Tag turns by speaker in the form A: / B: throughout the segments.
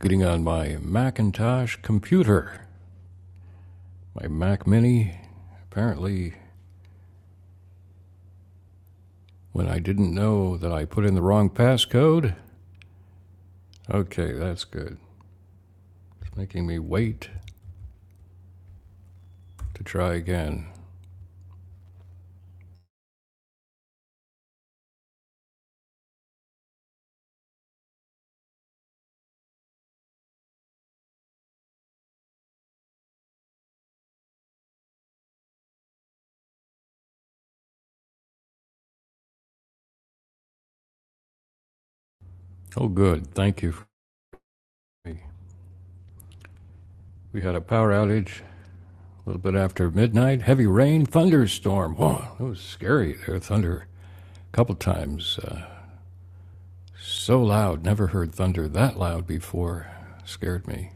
A: getting on my Macintosh computer, my Mac Mini. Apparently, when I didn't know that I put in the wrong passcode. Okay, that's good. It's making me wait to try again. Oh, good. Thank you. We had a power outage a little bit after midnight. Heavy rain, thunderstorm. Whoa, that was scary there. Thunder a couple times. Uh, so loud. Never heard thunder that loud before. Scared me.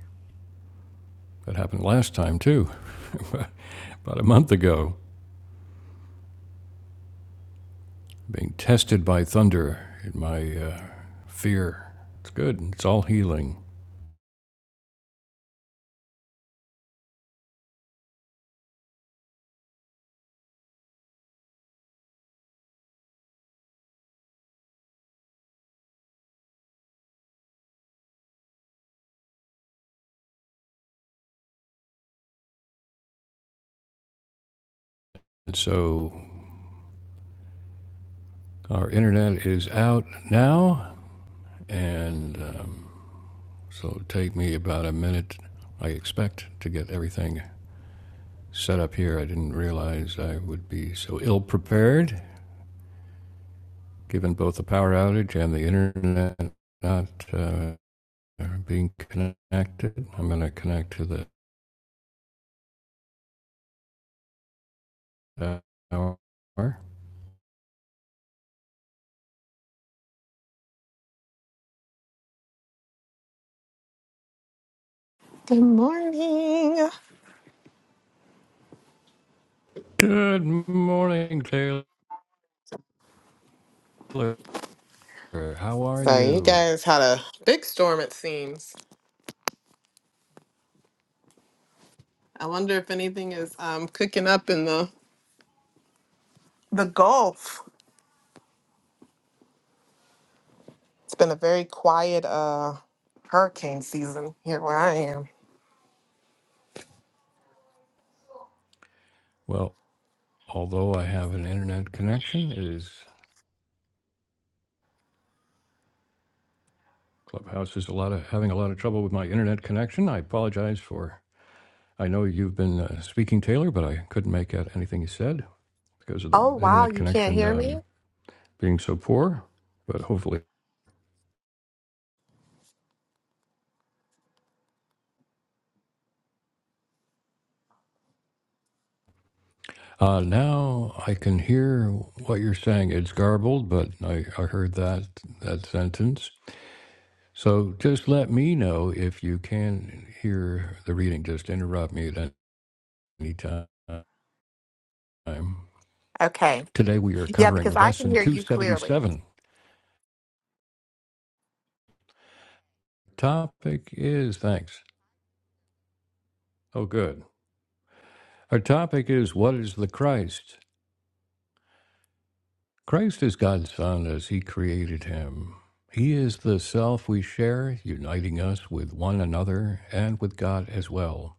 A: That happened last time, too, about a month ago. being tested by thunder in my uh, fear. It's good. It's all healing. And so our internet is out now, and um, so it'll take me about a minute, I expect, to get everything set up here. I didn't realize I would be so ill prepared, given both the power outage and the internet not uh, being connected. I'm going to connect to the tower.
B: Good morning.
A: Good morning, Taylor. Er, How are
B: So you
A: you?
B: guys had a big storm it seems. I wonder if anything is um cooking up in the the Gulf. It's been a very quiet uh hurricane season here where I am.
A: Well, although I have an internet connection, it is Clubhouse is a lot of having a lot of trouble with my internet connection. I apologize for. I know you've been uh, speaking, Taylor, but I couldn't make out anything you said because of the
B: Oh, wow.
A: internet
B: You can't
A: connection
B: hear me?
A: um, being so poor. But hopefully, uh, now I can hear what you're saying. It's garbled, but I, I heard that that sentence. So just let me know if you can hear the reading. Just interrupt me at Anytime.
B: Okay.
A: Today we are
B: Yeah,
A: covering
B: because I can
A: lesson
B: hear you clearly.
A: 277. Topic is thanks. Oh, good. Our topic is what is the Christ? Christ is God's Son as He created Him. He is the self we share, uniting us with one another and with God as well.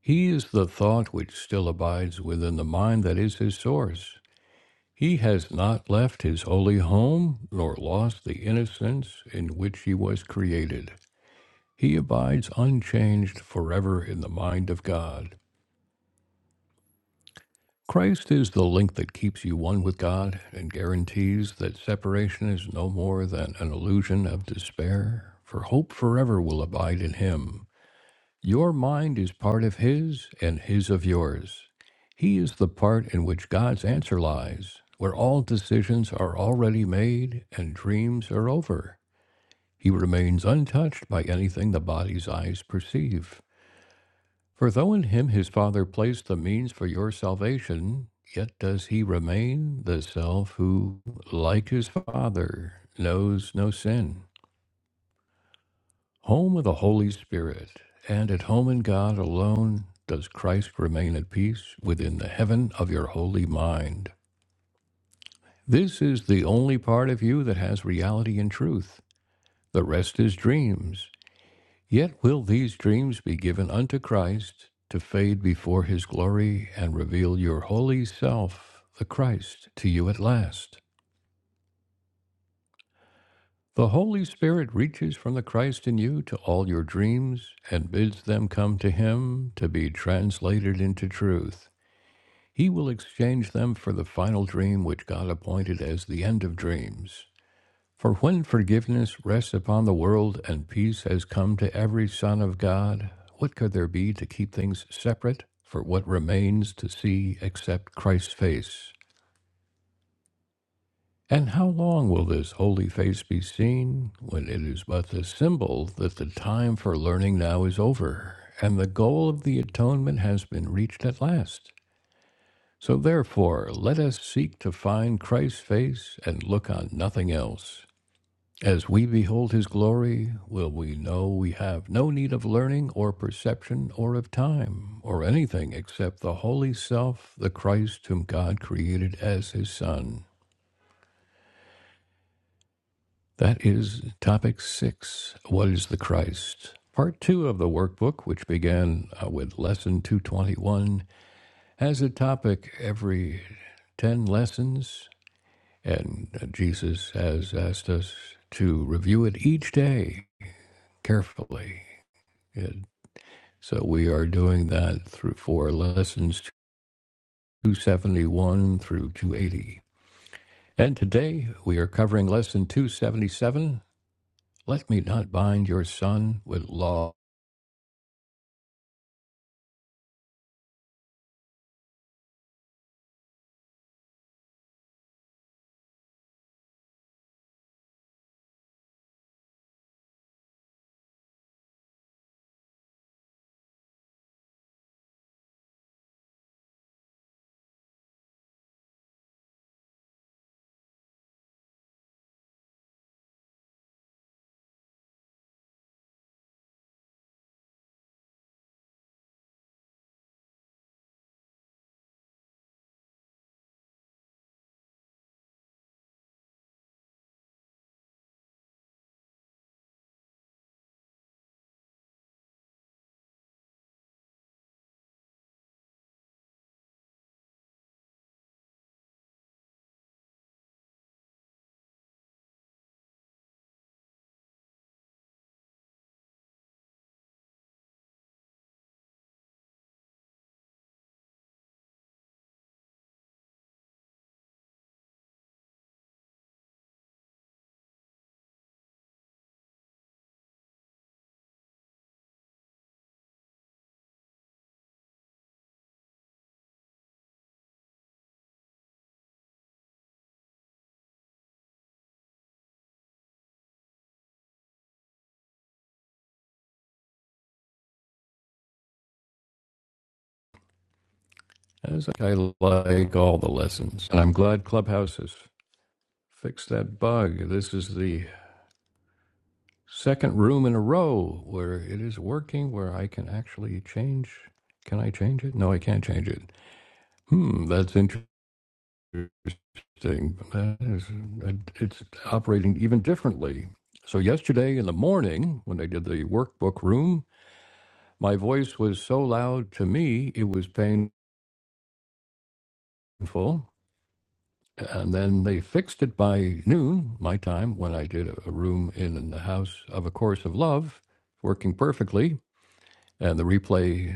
A: He is the thought which still abides within the mind that is His source. He has not left His holy home nor lost the innocence in which He was created. He abides unchanged forever in the mind of God. Christ is the link that keeps you one with God and guarantees that separation is no more than an illusion of despair, for hope forever will abide in Him. Your mind is part of His and His of yours. He is the part in which God's answer lies, where all decisions are already made and dreams are over. He remains untouched by anything the body's eyes perceive. For though in him his Father placed the means for your salvation, yet does he remain the self who, like his Father, knows no sin. Home of the Holy Spirit, and at home in God alone, does Christ remain at peace within the heaven of your holy mind. This is the only part of you that has reality and truth. The rest is dreams, Yet will these dreams be given unto Christ to fade before his glory and reveal your holy self, the Christ, to you at last. The Holy Spirit reaches from the Christ in you to all your dreams and bids them come to him to be translated into truth. He will exchange them for the final dream which God appointed as the end of dreams. For when forgiveness rests upon the world and peace has come to every son of God, what could there be to keep things separate for what remains to see except Christ's face? And how long will this holy face be seen when it is but the symbol that the time for learning now is over and the goal of the atonement has been reached at last? So therefore, let us seek to find Christ's face and look on nothing else. As we behold his glory, will we know we have no need of learning or perception or of time or anything except the holy self, the Christ whom God created as his Son. That is topic six What is the Christ? Part two of the workbook, which began uh, with lesson 221, has a topic every 10 lessons, and uh, Jesus has asked us to review it each day carefully It So we are doing that through four lessons 271 through 280. And today we are covering lesson 277 Let Me Not Bind Your Son with Law. As I like all the lessons, and I'm glad Clubhouse has fixed that bug. This is the second room in a row where it is working, where I can actually change. Can I change it? No, I can't change it. Hmm, that's interesting. interesting. That is, it's operating even differently. So yesterday in the morning, when they did the workbook room, my voice was so loud to me it was painful. And then they fixed it by noon, my time, when I did a room in the House of A Course of Love, working perfectly, and the replay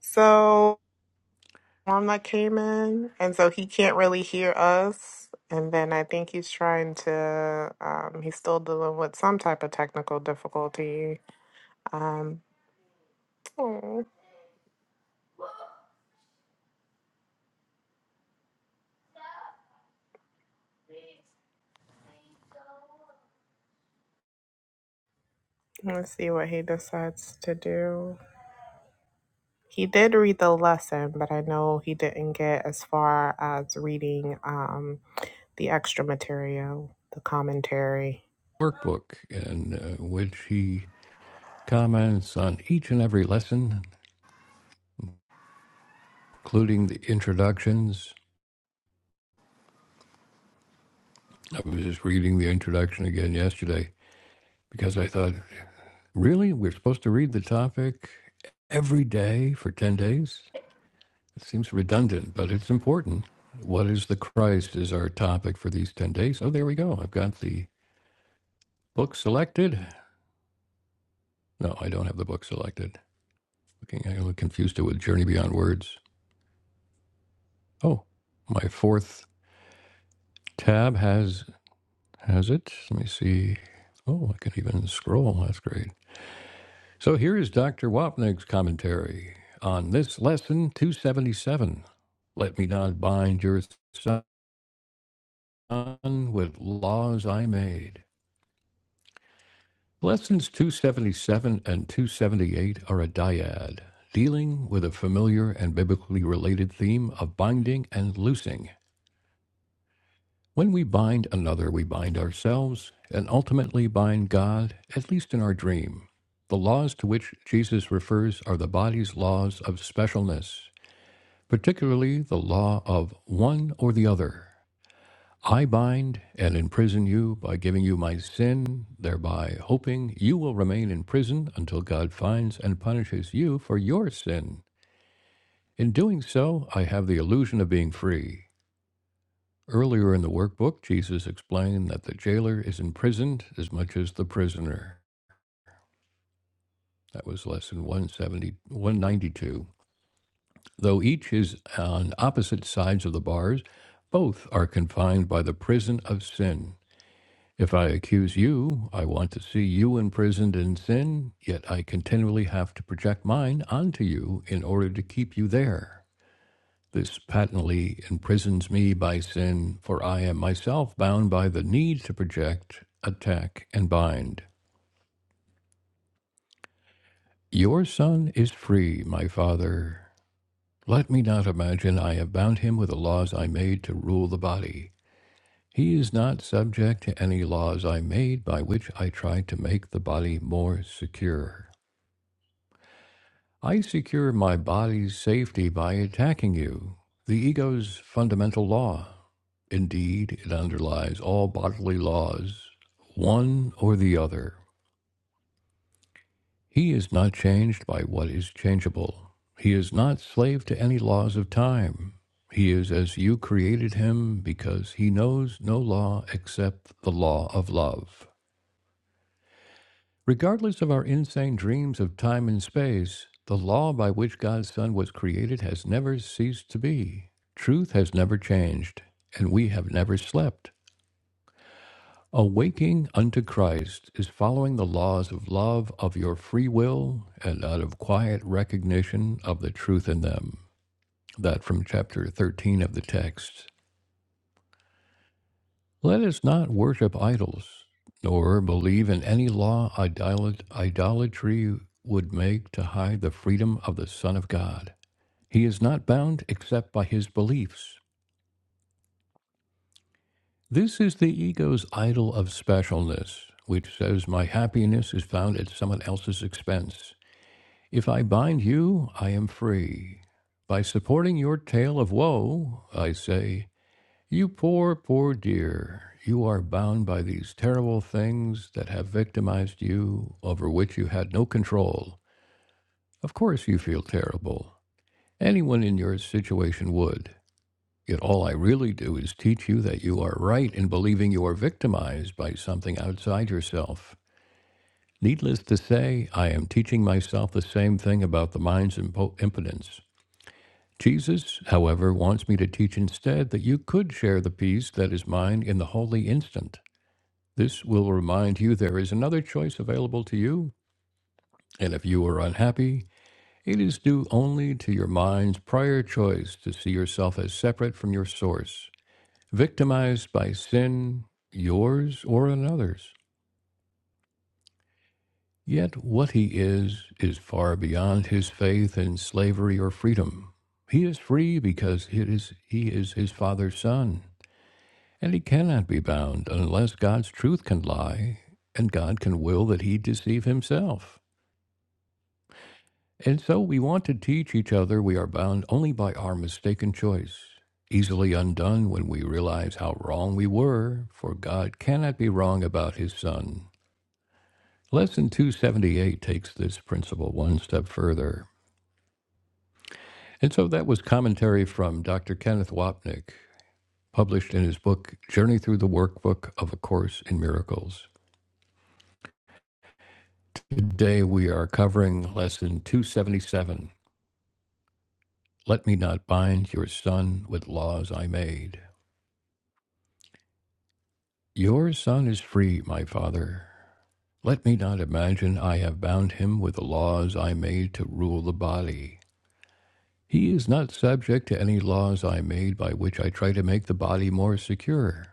B: So one that came in and so he can't really hear us. And then I think he's trying to um he's still dealing with some type of technical difficulty. Um Let's see what he decides to do. He did read the lesson, but I know he didn't get as far as reading um, the extra material, the commentary.
A: workbook, in uh, which he comments on each and every lesson, including the introductions I was just reading the introduction again yesterday because I thought, really? We're supposed to read the topic every day for 10 days? It seems redundant, but it's important. What is the Christ is our topic for these 10 days. Oh, there we go. I've got the book selected. No, I don't have the book selected. Looking, I confused it with Journey Beyond Words. Oh, my fourth tab has has it. Let me see. Oh, I can even scroll. That's great. So here is Dr. Wapnick's commentary on this lesson 277. Let me not bind your son with laws I made. Lessons 277 and 278 are a dyad, dealing with a familiar and biblically related theme of binding and loosing. When we bind another, we bind ourselves and ultimately bind God, at least in our dream. The laws to which Jesus refers are the body's laws of specialness. particularly the law of one or the other. I bind and imprison you by giving you my sin, thereby hoping you will remain in prison until God finds and punishes you for your sin. In doing so, I have the illusion of being free. Earlier in the workbook, Jesus explained that the jailer is imprisoned as much as the prisoner. That was lesson one seventy one ninety two. Though each is on opposite sides of the bars, both are confined by the prison of sin. If I accuse you, I want to see you imprisoned in sin, yet I continually have to project mine onto you in order to keep you there. This patently imprisons me by sin, for I am myself bound by the need to project, attack, and bind. Your son is free, my father. Let me not imagine I have bound him with the laws I made to rule the body. He is not subject to any laws I made by which I tried to make the body more secure. I secure my body's safety by attacking you, the ego's fundamental law. Indeed, it underlies all bodily laws, one or the other. He is not changed by what is changeable. He is not slave to any laws of time. He is as you created him because he knows no law except the law of love. Regardless of our insane dreams of time and space, the law by which God's Son was created has never ceased to be. Truth has never changed, and we have never slept. Awaking unto Christ is following the laws of love of your free will and out of quiet recognition of the truth in them. That from chapter 13 of the text. Let us not worship idols, nor believe in any law idolat- idolatry would make to hide the freedom of the Son of God. He is not bound except by his beliefs. This is the ego's idol of specialness, which says, My happiness is found at someone else's expense. If I bind you, I am free. By supporting your tale of woe, I say, You poor, poor dear, you are bound by these terrible things that have victimized you, over which you had no control. Of course, you feel terrible. Anyone in your situation would. Yet all I really do is teach you that you are right in believing you are victimized by something outside yourself. Needless to say, I am teaching myself the same thing about the mind's impo- impotence. Jesus, however, wants me to teach instead that you could share the peace that is mine in the holy instant. This will remind you there is another choice available to you, and if you are unhappy, it is due only to your mind's prior choice to see yourself as separate from your source, victimized by sin, yours or another's. Yet what he is is far beyond his faith in slavery or freedom. He is free because it is, he is his father's son, and he cannot be bound unless God's truth can lie, and God can will that he deceive himself. And so we want to teach each other we are bound only by our mistaken choice, easily undone when we realize how wrong we were, for God cannot be wrong about his Son. Lesson 278 takes this principle one step further. And so that was commentary from Dr. Kenneth Wapnick, published in his book, Journey Through the Workbook of A Course in Miracles. Today we are covering Lesson 277 Let Me Not Bind Your Son with Laws I Made. Your son is free, my father. Let me not imagine I have bound him with the laws I made to rule the body. He is not subject to any laws I made by which I try to make the body more secure.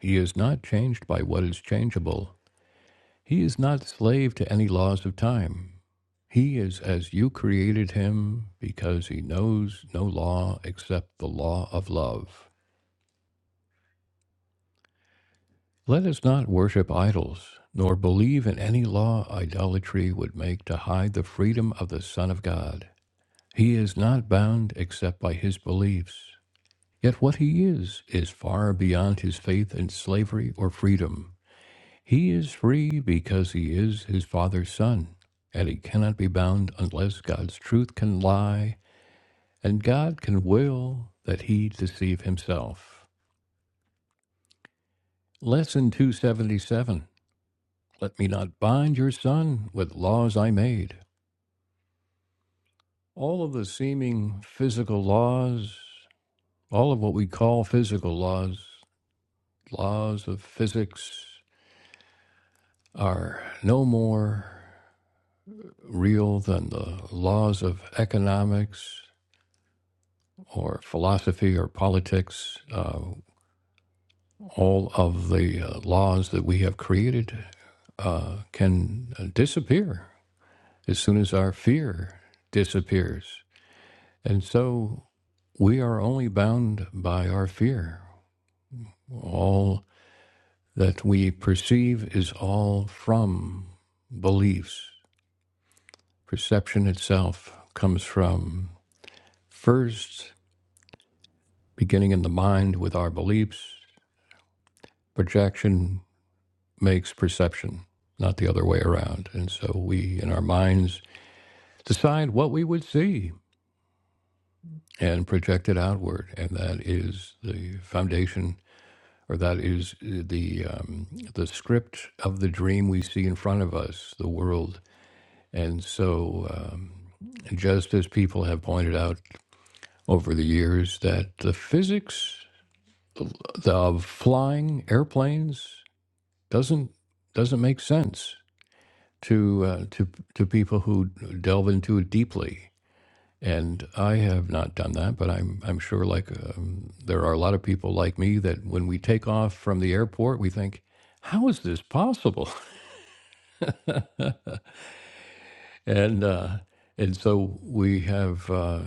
A: He is not changed by what is changeable. He is not slave to any laws of time. He is as you created him because he knows no law except the law of love. Let us not worship idols, nor believe in any law idolatry would make to hide the freedom of the Son of God. He is not bound except by his beliefs. Yet what he is, is far beyond his faith in slavery or freedom. He is free because he is his Father's Son, and he cannot be bound unless God's truth can lie, and God can will that he deceive himself. Lesson 277 Let me not bind your son with laws I made. All of the seeming physical laws, all of what we call physical laws, laws of physics, are no more real than the laws of economics or philosophy or politics. Uh, all of the uh, laws that we have created uh, can disappear as soon as our fear disappears. And so We are only bound by our fear. All that we perceive is all from beliefs. Perception itself comes from first beginning in the mind with our beliefs. Projection makes perception, not the other way around. And so we, in our minds, decide what we would see and project it outward. And that is the foundation or that is uh, the um, the script of the dream we see in front of us, the world. And so, um, just as people have pointed out over the years, that the physics of flying airplanes doesn't doesn't make sense to uh, to to people who delve into it deeply. And I have not done that, but I'm I'm sure like um, there are a lot of people like me that when we take off from the airport, we think, how is this possible? and uh, and so we have uh,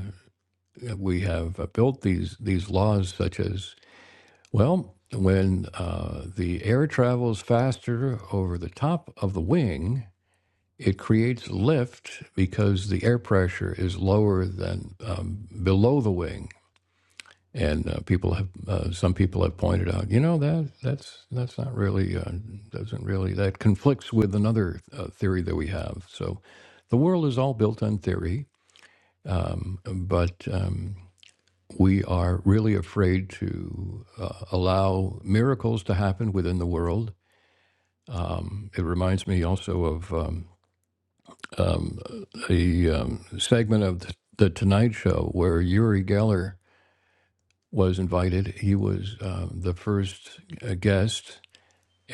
A: we have built these these laws such as well when uh, the air travels faster over the top of the wing, it creates lift because the air pressure is lower than um, below the wing. And uh, people have uh, some people have pointed out, you know that that's that's not really uh, doesn't really that conflicts with another uh, theory that we have. So the world is all built on theory but um, we are really afraid to uh, allow miracles to happen within the world. It reminds me also of um, a um, segment of the, the Tonight Show where Uri Geller was invited. He was um, the first uh, guest,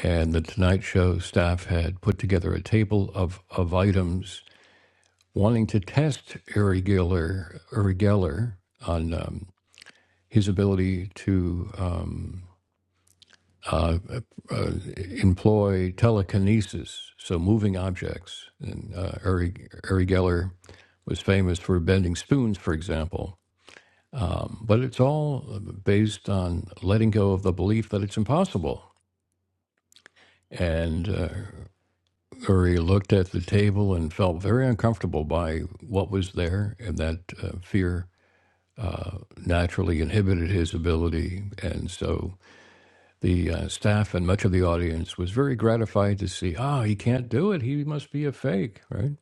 A: and the Tonight Show staff had put together a table of, of items wanting to test Uri Geller, Uri Geller on um, his ability to. Um, uh, uh, employ telekinesis, so moving objects. And uh, Uri, Uri Geller was famous for bending spoons, for example. Um, but it's all based on letting go of the belief that it's impossible. And uh, Uri looked at the table and felt very uncomfortable by what was there, and that uh, fear uh, naturally inhibited his ability. And so The uh, staff and much of the audience was very gratified to see, ah, oh, he can't do it. He must be a fake, right?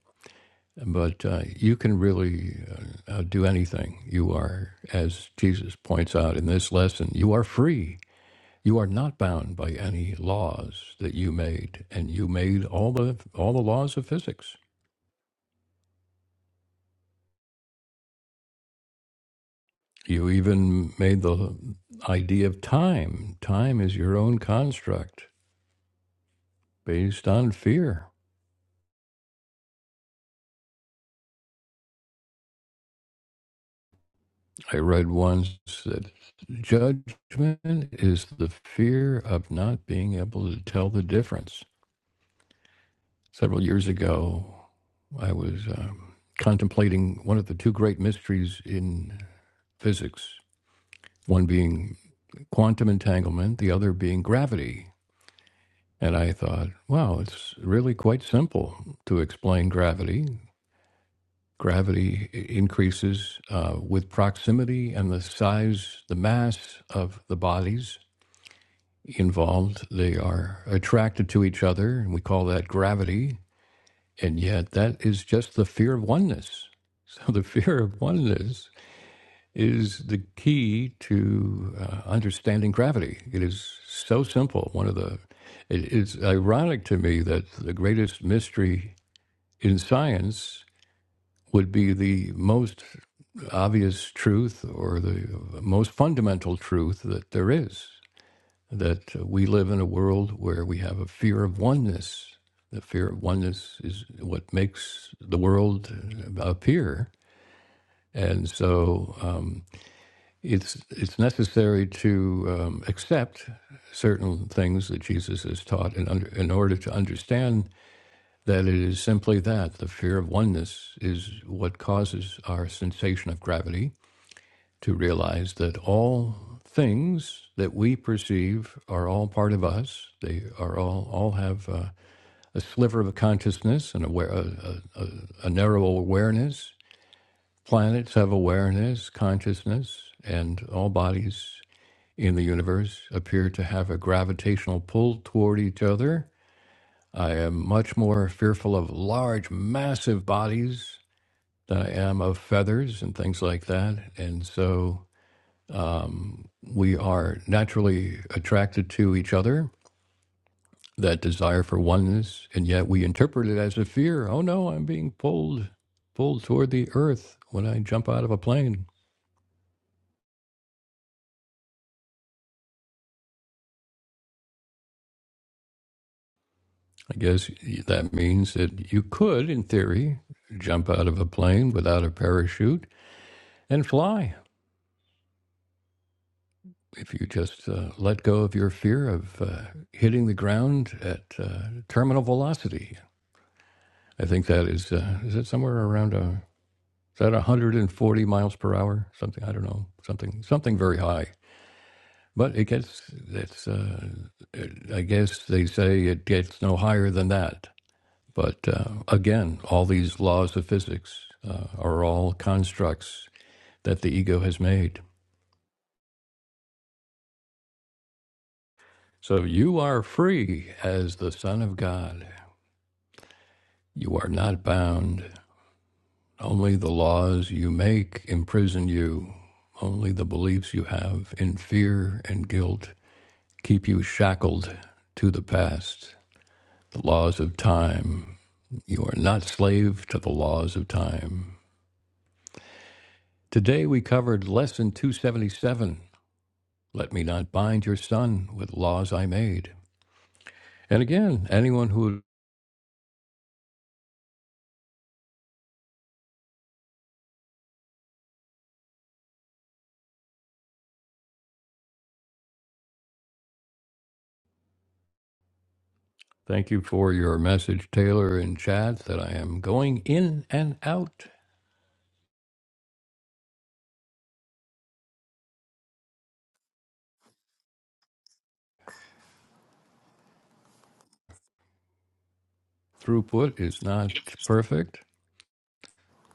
A: But uh, you can really uh, outdo anything. You are, as Jesus points out in this lesson, you are free. You are not bound by any laws that you made, and you made all the all the laws of physics. You even made the idea of time. Time is your own construct based on fear. I read once that judgment is the fear of not being able to tell the difference. Several years ago, I was um, contemplating one of the two great mysteries in physics, one being quantum entanglement, the other being gravity. And I thought, wow, it's really quite simple to explain gravity. Gravity increases uh, with proximity and the size, the mass of the bodies involved. They are attracted to each other, and we call that gravity. And yet, that is just the fear of oneness. So, the fear of oneness is the key to uh, understanding gravity. It is so simple. One of the it is ironic to me that the greatest mystery in science would be the most obvious truth or the most fundamental truth that there is that uh, we live in a world where we have a fear of oneness. The fear of oneness is what makes the world uh, appear, and so um, it's it's necessary to um, accept certain things that Jesus has taught, in, under, in order to understand that it is simply that the fear of oneness is what causes our sensation of gravity, to realize that all things that we perceive are all part of us. They are all all have uh, a sliver of consciousness and aware a, a, a, a narrow awareness. Planets have awareness, consciousness, and all bodies in the universe appear to have a gravitational pull toward each other. I am much more fearful of large, massive bodies than I am of feathers and things like that. And so um, we are naturally attracted to each other, that desire for oneness, and yet we interpret it as a fear. Oh no, I'm being pulled, pulled toward the earth when I jump out of a plane. I guess that means that you could, in theory, jump out of a plane without a parachute and fly if you just uh, let go of your fear of uh, hitting the ground at uh, terminal velocity. I think that is, uh, is it somewhere around a. Is that 140 miles per hour? Something I don't know. Something something very high. But it gets it's uh, it- I guess they say it gets no higher than that. But uh, again, all these laws of physics uh, are all constructs that the ego has made. So you are free as the son of God. You are not bound. Only the laws you make imprison you. Only the beliefs you have in fear and guilt keep you shackled to the past, the laws of time. You are not slave to the laws of time. Today we covered lesson 277. Let me not bind your son with laws I made. And again, anyone who thank you for your message, Taylor and Chad, that I am going in and out. Throughput is not perfect.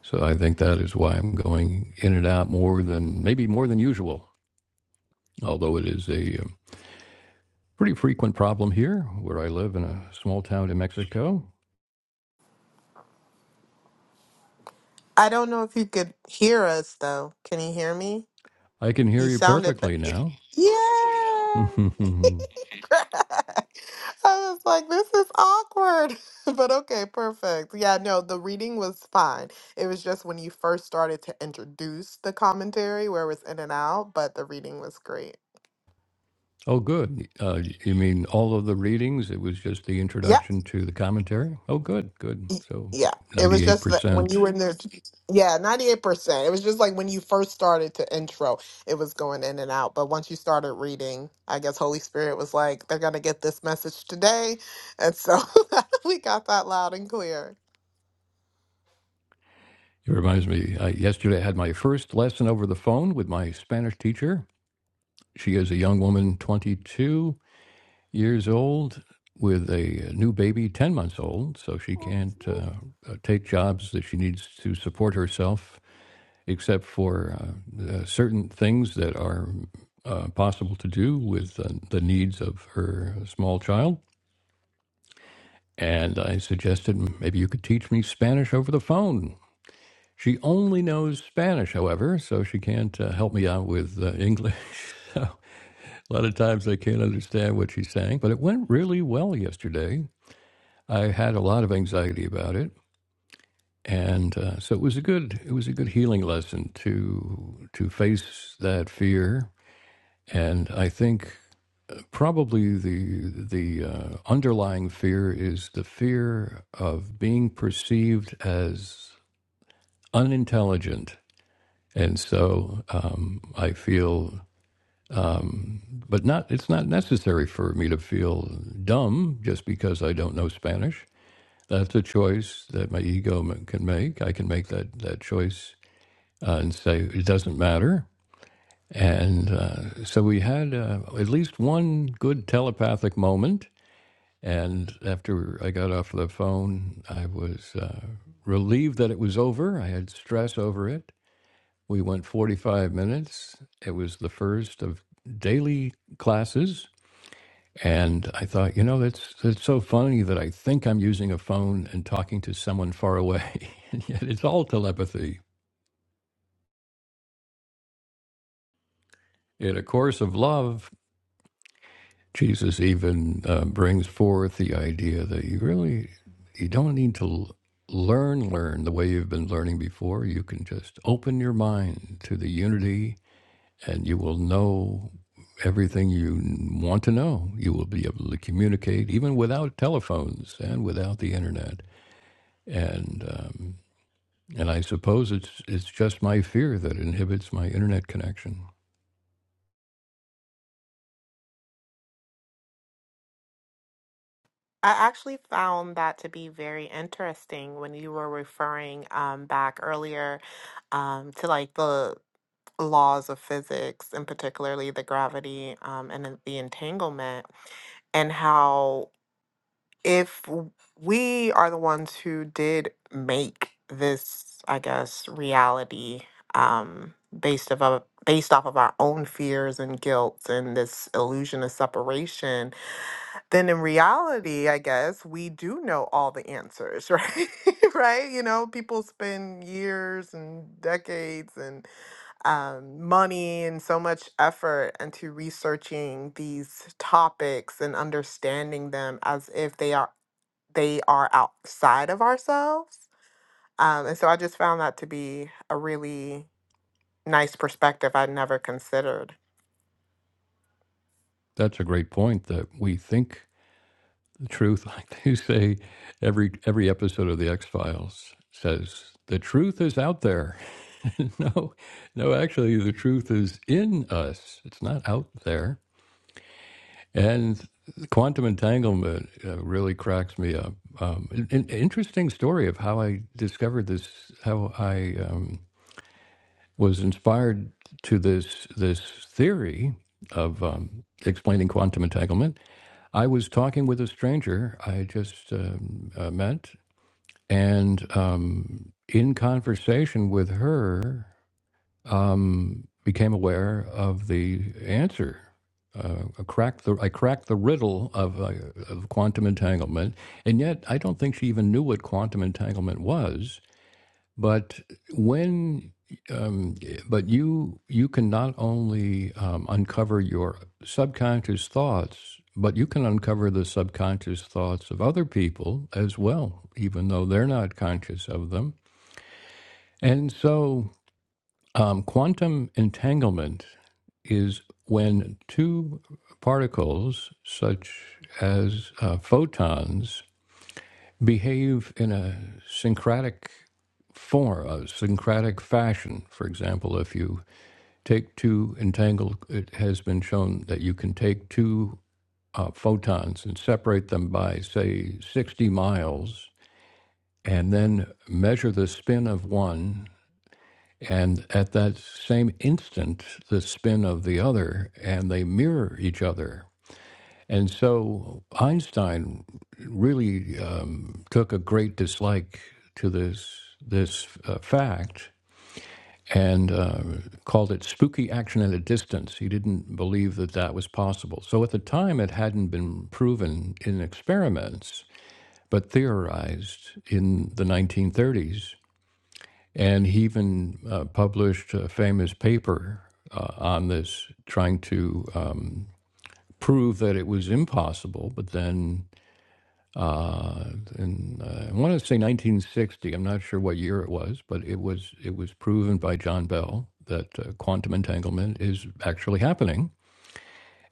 A: So I think that is why I'm going in and out more than maybe more than usual, although it is a um, Pretty frequent problem here, where I live in a small town in Mexico.
B: I don't know if you could hear us though. Can you hear me?
A: I can hear
B: You
A: you
B: sounded, ba-
A: perfectly now.
B: yeah.
A: oh,
B: I was like, this is awkward. But okay, perfect. Yeah, no, the reading was fine. It was just when you first started to introduce the commentary where it was in and out, but the reading was great.
A: good. Uh, you mean all of the readings? It was just the
B: Yeah.
A: introduction to the commentary? Oh, good, good.
B: y-
A: So
B: Yeah. It was just that when
A: 98%.
B: you were in there, yeah, 98%. It was just like when you first started to intro, it was going in and out. But once you started reading, I guess Holy Spirit was like, they're going to get this message today. And so we got that loud and clear.
A: It reminds me, I, yesterday I had my first lesson over the phone with my Spanish teacher. She is a young woman, 22 years old, with a new baby, 10 months old. So she can't uh, uh, take jobs that she needs to support herself except for uh, uh, certain things that are uh, possible to do with uh, the needs of her small child. And I suggested "Mm, maybe you could teach me Spanish over the phone. She only knows Spanish, however, so she can't uh, help me out with uh, English. So a lot of times I can't understand what she's saying, but it went really well yesterday. I had a lot of anxiety about it, and uh, so it was a good it was a good healing lesson to to face that fear And I think probably the the uh, underlying fear is the fear of being perceived as unintelligent. And so um, I feel, but not it's not necessary for me to feel dumb just because I don't know Spanish. That's a choice that my ego can make. I can make that that choice uh, and say it doesn't matter. And uh, so we had uh, at least one good telepathic moment And after I got off the phone, I was uh, relieved that it was over. I had stress over it. We went 45 minutes. It was the first of daily classes. And I thought, you know, that's, that's so funny that I think I'm using a phone and talking to someone far away. and yet it's all telepathy. In A Course of Love Jesus even uh, brings forth the idea that you really you don't need to learn learn the way you've been learning before. You can just open your mind to the unity, and you will know everything you want to know. You will be able to communicate even without telephones and without the internet. And um, and I suppose it's it's just my fear that inhibits my internet connection.
B: I actually found that to be very interesting when you were referring um, back earlier um, to like the laws of physics and particularly the gravity um, and then the entanglement, and how if w- we are the ones who did make this, I guess, reality um, based of a, based off of our own fears and guilt and this illusion of separation then in reality, I guess we do know all the answers, right? right? You know, people spend years and decades and um, money and so much effort into researching these topics and understanding them as if they are they are outside of ourselves. Um, and so I just found that to be a really nice perspective I'd never considered.
A: That's a great point that we think the truth, like they say, every every episode of the X Files says, the truth is out there. no, no, actually, the truth is in us. It's not out there. And quantum entanglement uh, really cracks me up. Um, an, an interesting story of how I discovered this, how I um, was inspired to this this theory of um, explaining quantum entanglement. I was talking with a stranger I just um, uh, met and um, in conversation with her, um, became aware of the answer. Uh, I cracked the I cracked the riddle of, uh, of quantum entanglement, and yet I don't think she even knew what quantum entanglement was. But when, um, but you you can not only um, uncover your subconscious thoughts, but you can uncover the subconscious thoughts of other people as well, even though they're not conscious of them. And so, um, quantum entanglement is when two particles, such as uh, photons, behave in a syncretic form, a syncretic fashion. For example, if you take two entangled, it has been shown that you can take two uh, photons and separate them by, say, 60 miles, and then measure the spin of one. And at that same instant, the spin of the other, and they mirror each other and so Einstein really um, took a great dislike to this this uh, fact and uh, called it spooky action at a distance. He didn't believe that that was possible. So at the time, it hadn't been proven in experiments, but theorized in the 1930s. And he even uh, published a famous paper uh, on this, trying to um, prove that it was impossible, but then uh, I want to say 1960. I'm not sure what year it was, but it was it was proven by John Bell that uh, quantum entanglement is actually happening.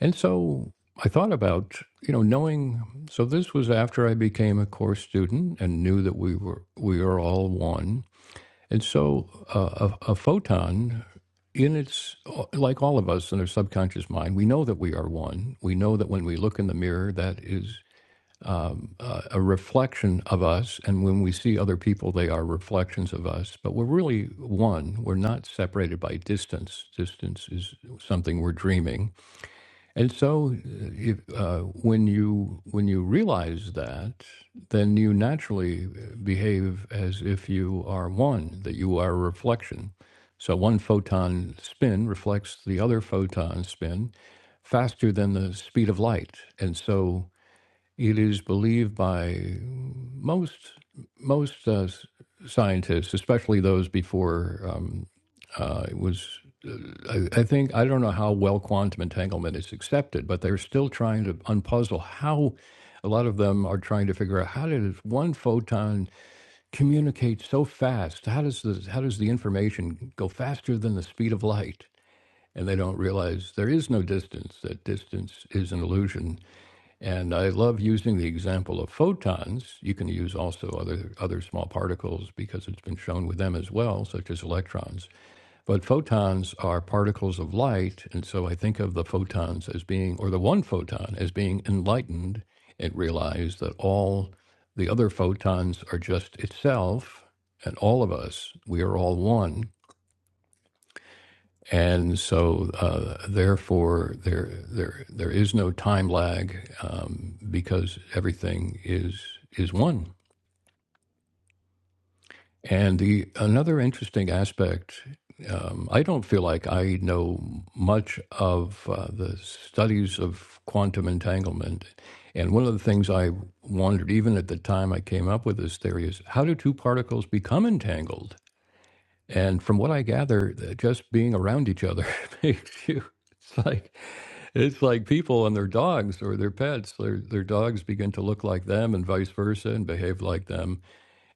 A: And so I thought about you know knowing. So this was after I became a course student and knew that we were we are all one. And so uh, a, a photon in its like all of us in our subconscious mind we know that we are one we know that when we look in the mirror that is uh, a reflection of us, and when we see other people, they are reflections of us. But we're really one. We're not separated by distance. Distance is something we're dreaming. And so, uh, if, uh, when you when you realize that, then you naturally behave as if you are one. That you are a reflection. So one photon spin reflects the other photon spin faster than the speed of light, and so it is believed by most most uh, scientists, especially those before um, uh, it was, I, I think I don't know how well quantum entanglement is accepted, but they're still trying to unpuzzle how. A lot of them are trying to figure out how does one photon communicate so fast? How does the how does the information go faster than the speed of light? And they don't realize there is no distance. That distance is an illusion and I love using the example of photons. You can use also other, other small particles because it's been shown with them as well, such as electrons. But photons are particles of light. And so I think of the photons as being, or the one photon as being enlightened and realize that all the other photons are just itself and all of us, we are all one and so uh, therefore there there there is no time lag um, because everything is is one. And the another interesting aspect, um, I don't feel like I know much of uh, the studies of quantum entanglement. And one of the things I wondered, even at the time I came up with this theory, is how do two particles become entangled? And from what I gather, th- just being around each other makes you. It's like it's like people and their dogs or their pets. Their their dogs begin to look like them and vice versa, and behave like them.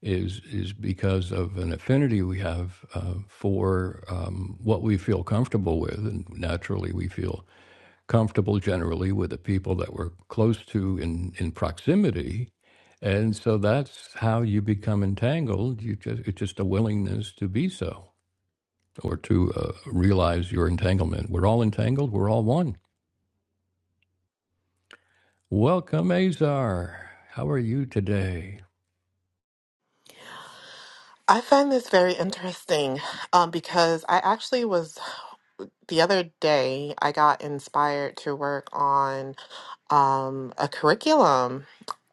A: Is is because of an affinity we have uh, for um, what we feel comfortable with, and naturally we feel comfortable generally with the people that we're close to in in proximity. And so that's how you become entangled. You just it's just a willingness to be so or to uh, realize your entanglement. We're all entangled, we're all one. Welcome, Azar. How are you today?
B: I find this very interesting um, because I actually was the other day I got inspired to work on um, a curriculum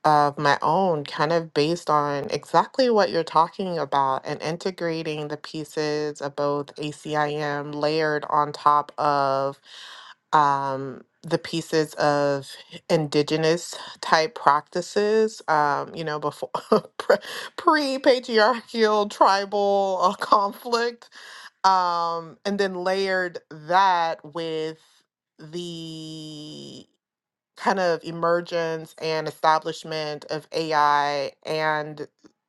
B: of my own, kind of based on exactly what you're talking about and integrating the pieces of both ACIM layered on top of um, the pieces of indigenous type practices, um, you know, before pre patriarchal tribal uh, conflict, um, and then layered that with the kind of emergence and establishment of AI and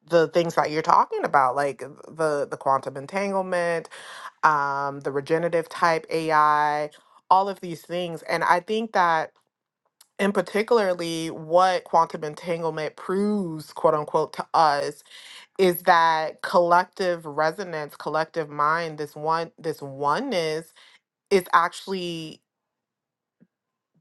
B: the things that you're talking about, like the the quantum entanglement, um, the regenerative type AI, all of these things. And I think that in particularly what quantum entanglement proves, quote unquote, to us is that collective resonance, collective mind, this one this oneness is actually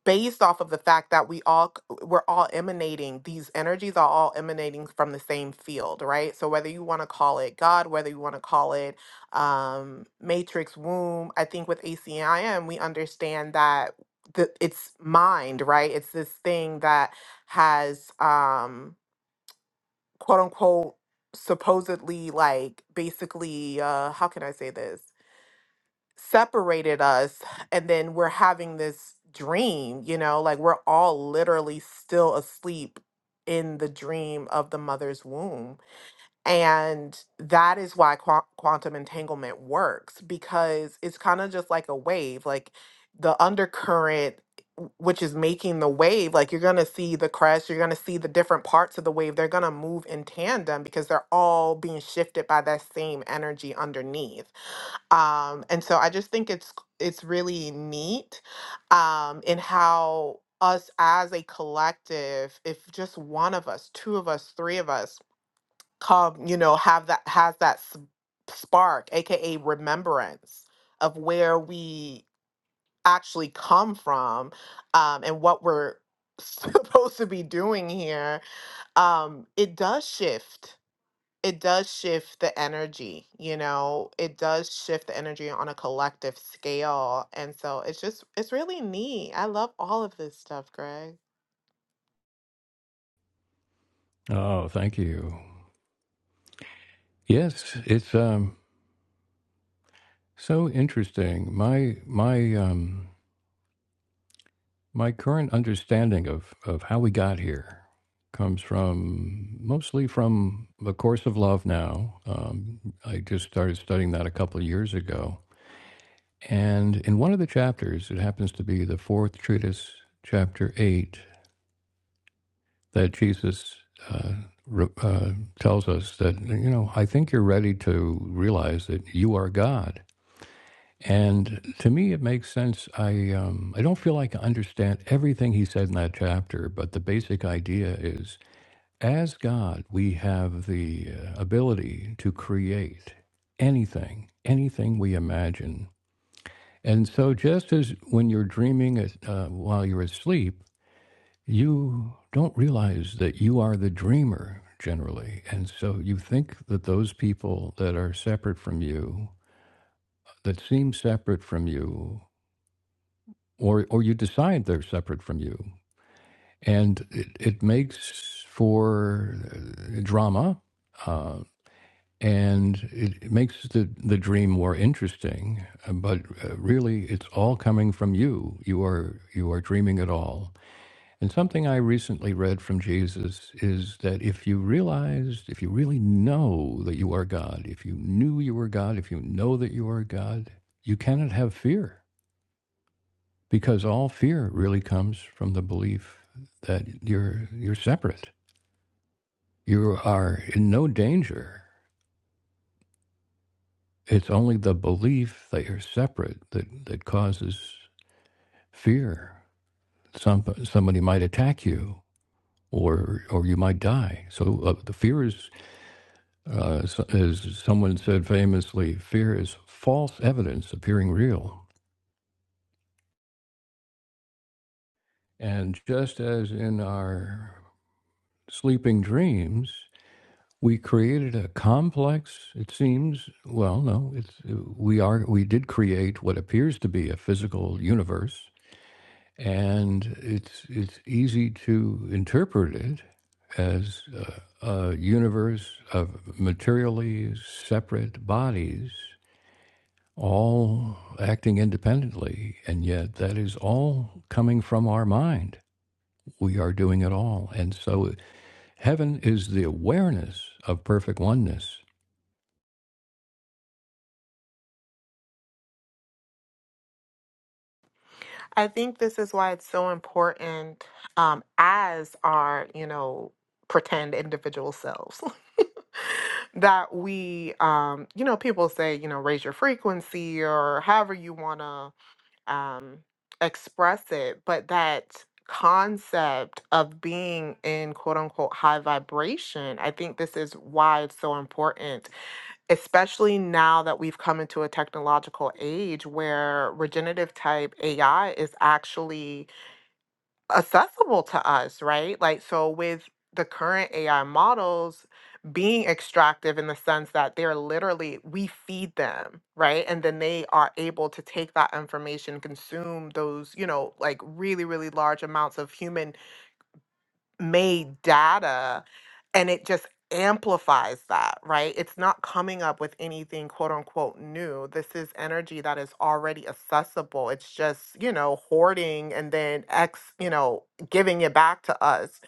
B: based off of the fact that we all c- we're all emanating these energies are all emanating from the same field right so whether you want to call it god whether you want to call it um matrix womb i think with acim we understand that the, it's mind right it's this thing that has um quote unquote supposedly like basically uh how can i say this separated us and then we're having this dream you know like we're all literally still asleep in the dream of the mother's womb and that is why qua- quantum entanglement works because it's kind of just like a wave, like the undercurrent, w- which is making the wave. Like you're going to see the crest, you're going to see the different parts of the wave. They're going to move in tandem because they're all being shifted by that same energy underneath. Um, and so I just think it's it's really neat um, in how us as a collective, if just one of us, two of us, three of us, come you know have that has that s- spark aka remembrance of where we actually come from um and what we're supposed to be doing here um it does shift it does shift the energy you know it does shift the energy on a collective scale and so it's just it's really neat i love all of this stuff greg
A: Oh, thank you. Yes, it's um, so interesting. My my um, my current understanding of, of how we got here comes from mostly from the course of love. Now, um, I just started studying that a couple of years ago, and in one of the chapters, it happens to be the fourth treatise, chapter eight. that Jesus uh, uh, tells us that, you know, I think you're ready to realize that you are God. And to me, it makes sense. I, um, I don't feel like I understand everything he said in that chapter, but the basic idea is as God, we have the uh, ability to create anything, anything we imagine. And so, just as when you're dreaming uh, while you're asleep, you don't realize that you are the dreamer generally. And so you think that those people that are separate from you, that seem separate from you, or, or you decide they're separate from you. And it, it makes for uh, drama. Uh, and it it makes the, the dream more interesting, uh, but uh, really it's all coming from you. You are you are dreaming it all And something I recently read from Jesus is that if you realized, if you really know that you are God, if you knew you were God, if you know that you are God, you cannot have fear because all fear really comes from the belief that you're you're separate. You are in no danger. It's only the belief that you're separate that, that causes fear. Some, somebody might attack you or or you might die. So uh, the fear is Uh, so, as someone said famously, fear is false evidence appearing real. And just as in our sleeping dreams, we created a complex, it seems, well, no, it's, we are, we did create what appears to be a physical universe. And it's, it's easy to interpret it as a, a universe of materially separate bodies all acting independently. And yet, that is all coming from our mind. We are doing it all. And so, heaven is the awareness of perfect oneness.
B: I think this is why it's so important um, as our, you know, pretend individual selves. that we um you know people say you know raise your frequency or however you want to um express it but that concept of being in quote unquote high vibration i think this is why it's so important especially now that we've come into a technological age where regenerative type AI is actually accessible to us, right? Like, so with the current AI models being extractive in the sense that they're literally, we feed them, right? And then they are able to take that information, consume those, you know, like really, really large amounts of human made data and it just amplifies that, right? It's not coming up with anything quote unquote new. This is energy that is already accessible. It's just, you know, hoarding and then X, you know, giving it back to us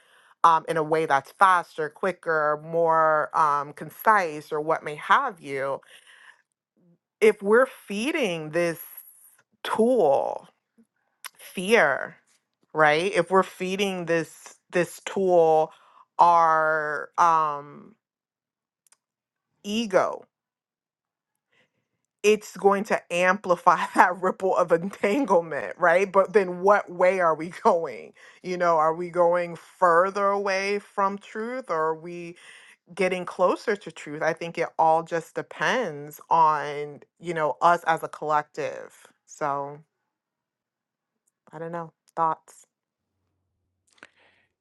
B: um, in a way that's faster, quicker, more um, concise, or what may have you. If we're feeding this tool, fear right if we're feeding this this tool our um ego it's going to amplify that ripple of entanglement right but then what way are we going you know are we going further away from truth or are we getting closer to truth i think it all just depends on you know us as a collective so i don't know thoughts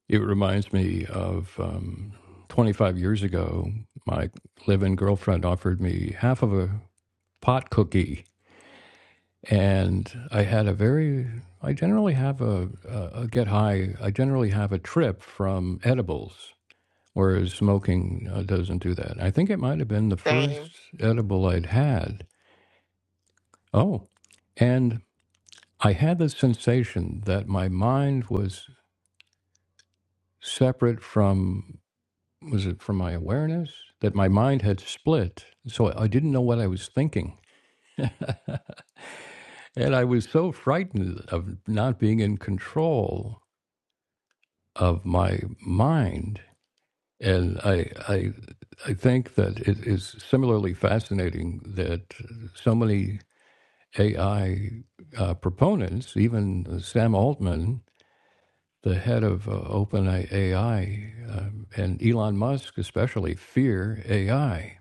A: It reminds me of um, 25 years ago, my live in girlfriend offered me half of a pot cookie. And I had a very, I generally have a, a, a get high, I generally have a trip from edibles. whereas smoking uh, doesn't do that. I think it might have been the first
B: same
A: edible I'd had. Oh, and I had the sensation that my mind was separate from was it from my awareness that my mind had split, so I didn't know what I was thinking. and I was so frightened of not being in control of my mind. And I, I I think that it is similarly fascinating that so many AI uh, proponents, even Sam Altman, the head of uh, OpenAI, um, and Elon Musk especially, fear AI,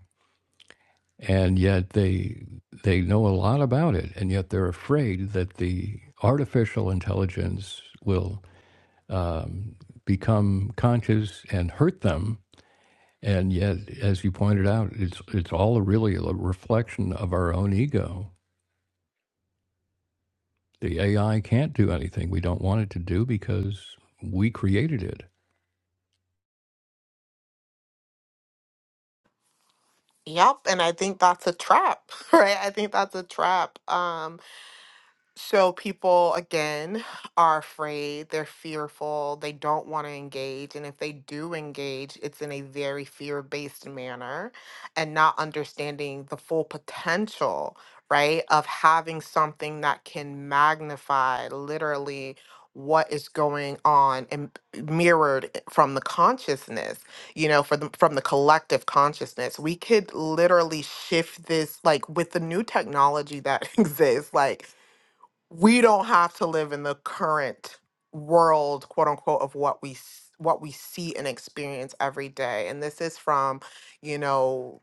A: and yet they they know a lot about it, and yet they're afraid that the artificial intelligence will um, become conscious and hurt them. And yet, as you pointed out, it's it's all really a reflection of our own ego The AI can't do anything we don't want it to do because we created it.
B: Yep, and I think that's a trap, right? I think that's a trap. Um, so people again are afraid, they're fearful, they don't want to engage, and if they do engage, it's in a very fear-based manner and not understanding the full potential, right, of having something that can magnify literally what is going on and mirrored i- from the consciousness, you know, for the, from the collective consciousness. We could literally shift this like with the new technology that exists, like we don't have to live in the current world quote unquote of what we s- what we see and experience every day and this is from you know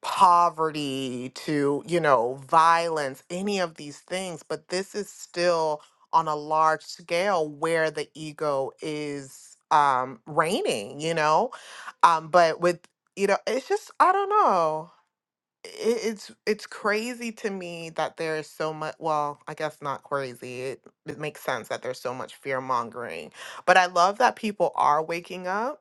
B: poverty to you know violence any of these things but this is still on a large scale where the ego is um reigning you know um but with you know it's just i don't know it- it's it's crazy to me that there is so much well i guess not crazy it, it makes sense that there's so much fear mongering but i love that people are waking up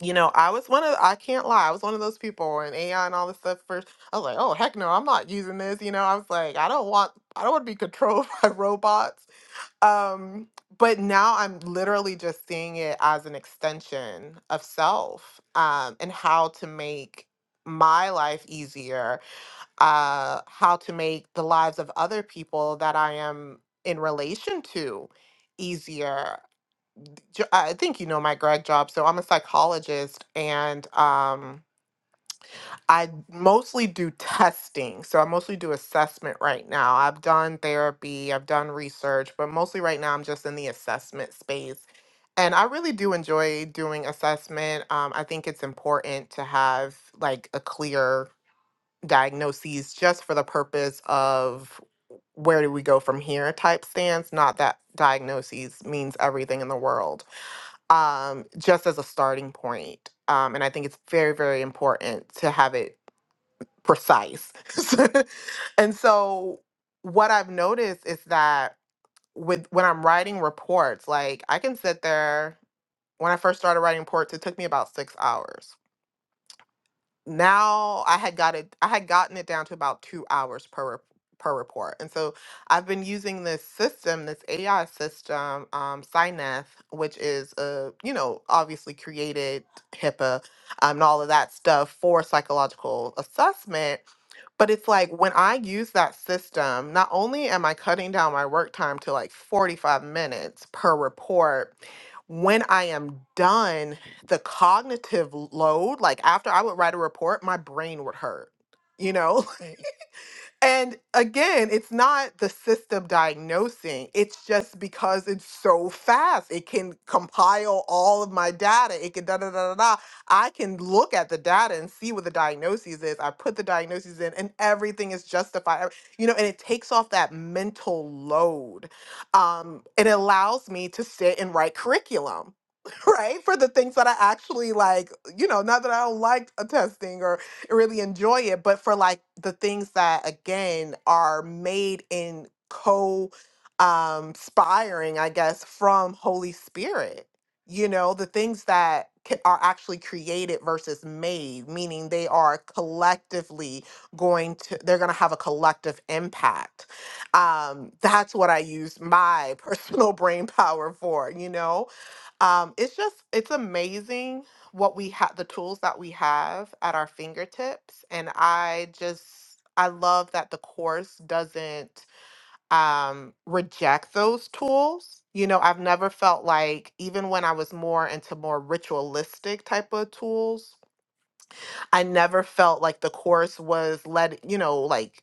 B: you know i was one of i can't lie i was one of those people and ai and all this stuff first i was like oh heck no i'm not using this you know i was like i don't want i don't want to be controlled by robots um but now i'm literally just seeing it as an extension of self um and how to make my life easier uh, how to make the lives of other people that I am in relation to easier. Jo- I think you know my grad job, so I'm a psychologist, and um, I mostly do testing. So I mostly do assessment right now. I've done therapy, I've done research, but mostly right now I'm just in the assessment space. And I really do enjoy doing assessment. Um, I think it's important to have like a clear diagnoses just for the purpose of where do we go from here type stance not that diagnoses means everything in the world um, just as a starting point um, and i think it's very very important to have it precise and so what i've noticed is that with when i'm writing reports like i can sit there when i first started writing reports it took me about six hours now I had got it I had gotten it down to about two hours per rep- per report. And so I've been using this system, this AI system, um, Syneth, which is uh, you know, obviously created HIPAA um, and all of that stuff for psychological assessment. But it's like when I use that system, not only am I cutting down my work time to like 45 minutes per report, when I am done the cognitive load, like after I would write a report, my brain would hurt, you know? Mm. And again, it's not the system diagnosing, it's just because it's so fast. It can compile all of my data. It can da da da da da. I can look at the data and see what the diagnosis is. I put the diagnoses in and everything is justified. ev- You know, and it takes off that mental load. Um, it allows me to sit and write curriculum right? For the things that I actually like, you know, not that I don't like a testing or really enjoy it, but for like the things that again are made in co um inspiring, I guess, from Holy Spirit. You know, the things that ca- are actually created versus made, meaning they are collectively going to, they're going to have a collective impact. Um, that's what I use my personal brain power for, you know? Um, it's just it's amazing what we have the tools that we have at our fingertips and I just I love that the course doesn't um reject those tools. You know, I've never felt like even when I was more into more ritualistic type of tools, I never felt like the course was let, you know, like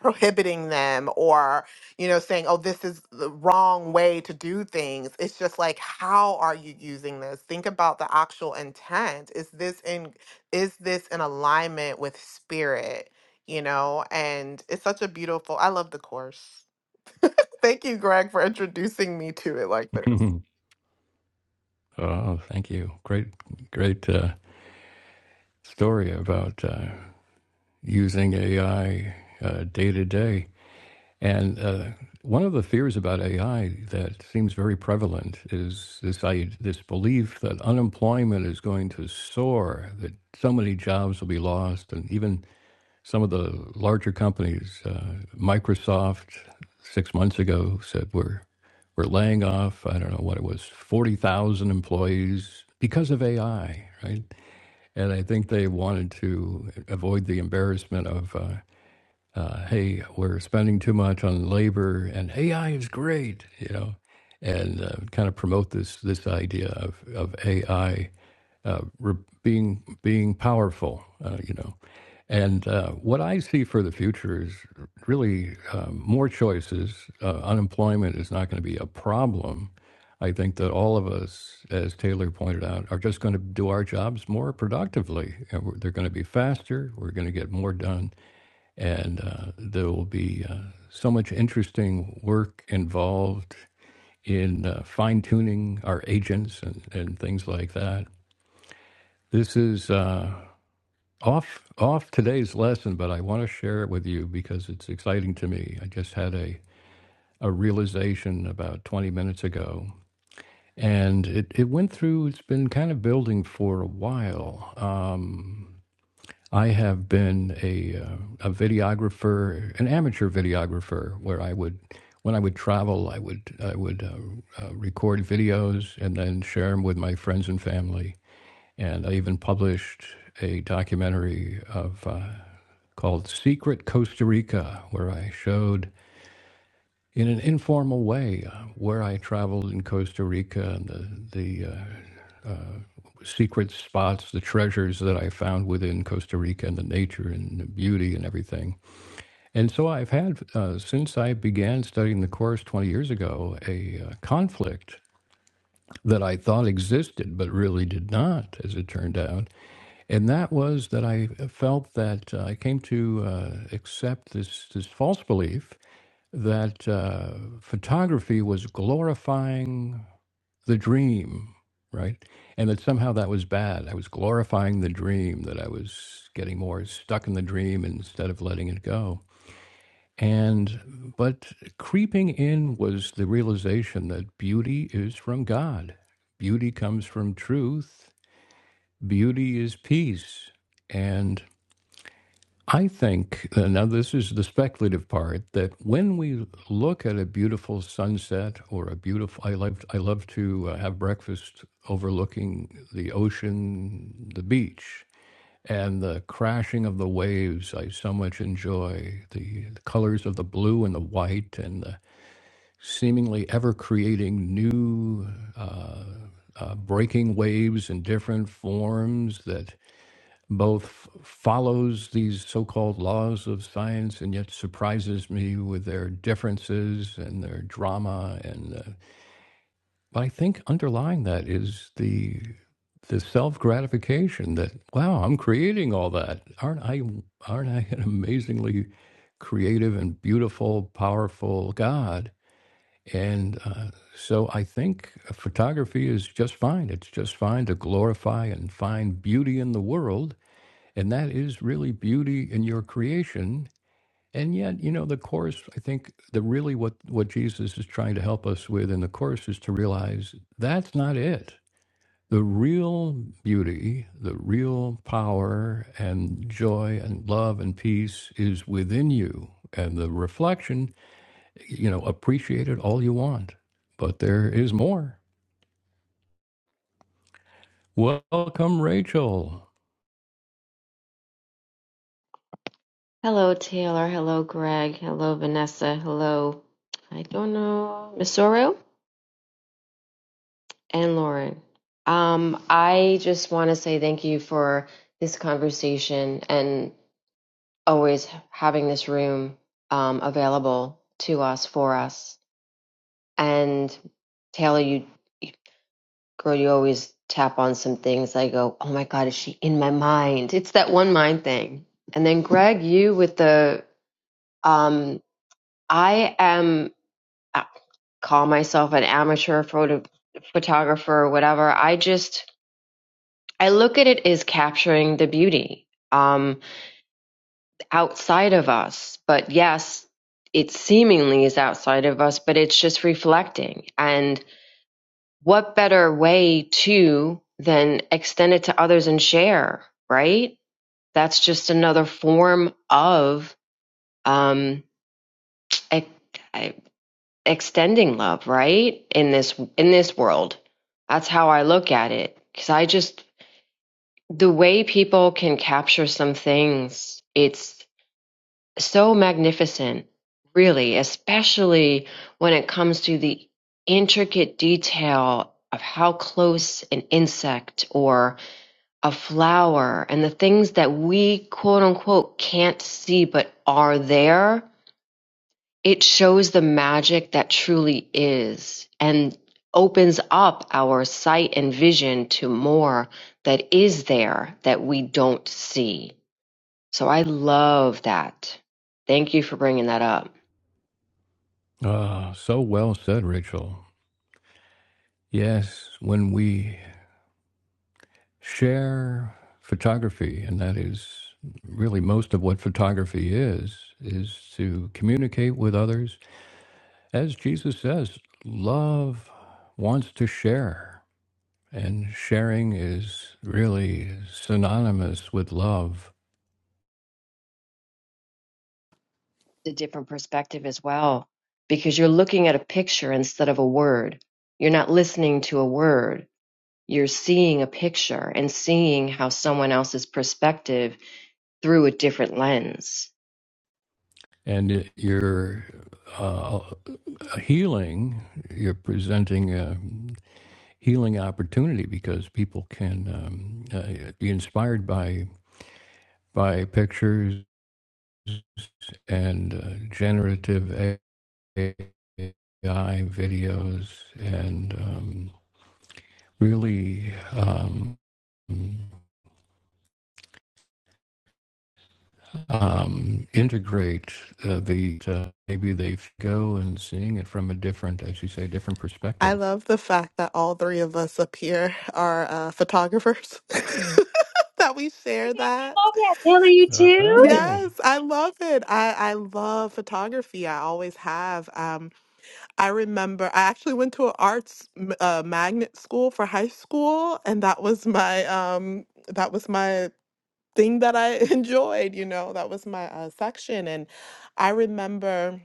B: prohibiting them or you know saying oh this is the wrong way to do things it's just like how are you using this think about the actual intent is this in is this in alignment with spirit you know and it's such a beautiful i love the course Thank you, Greg, for introducing me to it like this.
A: oh, thank you. Great, great uh, story about uh, using AI uh, day to day. And uh, one of the fears about AI that seems very prevalent is this I, this belief that unemployment is going to soar, that so many jobs will be lost, and even Some of the larger companies, uh, Microsoft, six months ago said we're we're laying off. I don't know what it was, forty thousand employees because of AI, right? And I think they wanted to avoid the embarrassment of, uh, uh, hey, we're spending too much on labor, and AI is great, you know, and uh, kind of promote this this idea of of AI uh, being being powerful, uh, you know. And uh, what I see for the future is really um, more choices. Uh, unemployment is not going to be a problem. I think that all of us, as Taylor pointed out, are just going to do our jobs more productively. And we're, they're going to be faster. We're going to get more done, and uh, there will be uh, so much interesting work involved in uh, fine tuning our agents and, and things like that this is uh, off off today's lesson, but I want to share it with you because it's exciting to me. I just had a a realization about 20 minutes ago, and it, it went through. It's been kind of building for a while. Uh, I have been a uh, a videographer, an amateur videographer, where I would. When I would travel, I would I would uh, uh, record videos and then share them with my friends and family and I even published a documentary of uh, called Secret Costa Rica, where I showed in an informal way uh, where I traveled in Costa Rica and the, the uh, secret spots, the treasures that I found within Costa Rica and the nature and the beauty and everything. And so I've had, uh, since I began studying the course 20 years ago, a uh, conflict that I thought existed but really did not, as it turned out. And that was that I felt that uh, I came to uh, accept this, this false belief that uh, photography was glorifying the dream, right? And that somehow that was bad. I was glorifying the dream, that I was getting more stuck in the dream instead of letting it go. And, but creeping in was the realization that beauty is from God, beauty comes from truth, beauty is peace. And. I think, uh, now this is the speculative part, that when we look at a beautiful sunset or a beautiful, I love, I love to uh, have breakfast overlooking the ocean, the beach, and the crashing of the waves. I so much enjoy the, the colors of the blue and the white and the seemingly ever creating new uh, uh, breaking waves in different forms that both follows these so-called laws of science and yet surprises me with their differences and their drama and uh, but I think underlying that is the the self-gratification that wow I'm creating all that aren't I aren't I an amazingly creative and beautiful powerful God and uh, so I think photography is just fine it's just fine to glorify and find beauty in the world and that is really beauty in your creation. And yet, you know, the course, I think the really what, what Jesus is trying to help us with in the course is to realize that's not it. The real beauty, the real power and joy and love and peace is within you. And the reflection, you know, appreciate it all you want. But there is more. Welcome, Rachel.
C: Hello, Taylor. Hello, Greg. Hello, Vanessa. Hello, I don't know, Misoro and Lauren. Um, I just want to say thank you for this conversation and always having this room um, available to us for us. And Taylor, you girl, you always tap on some things. I go, oh my God, is she in my mind? It's that one mind thing. And then Greg, you with the um, I am. call myself an amateur photo photographer or whatever. I just I look at it as capturing the beauty um, outside of us. But yes, it seemingly is outside of us, but it's just reflecting. And what better way to than extend it to others and share, right? That's just another form of um, e, extending love, right? In this in this world. That's how I look at it cuz I just the way people can capture some things, it's so magnificent, really, especially when it comes to the intricate detail of how close an insect or a flower and the things that we quote unquote can't see but are there it shows the magic that truly is and opens up our sight and vision to more that is there that we don't see. So I love that. Thank you for bringing that up.
A: Ah, so well said, Rachel. Yes, when we share photography, and that is really most of what photography is, is to communicate with others. As Jesus says, love wants to share, and sharing is really synonymous with love.
C: The different perspective as well, because you're looking at a picture instead of a word. You're not listening to a word. You're seeing a picture and seeing how someone else's perspective through a different lens
A: And it- you're uh, healing, you're presenting a healing opportunity because people can um, uh, be inspired by by pictures and uh, generative AI videos and um, really um, um, integrate uh, the uh, maybe they go and seeing it from a different, as you say, different
B: I
A: perspective.
B: love the fact that all three of us up here are uh, photographers. that we share that.
C: love that. Taylor, you too?
A: Oh,
B: Yes, I love it. I, I love photography. I always have. um, I remember I actually went to an arts m- uh, magnet school for high school, and that was my um that was my thing that I enjoyed. You know, that was my uh, section, and I remember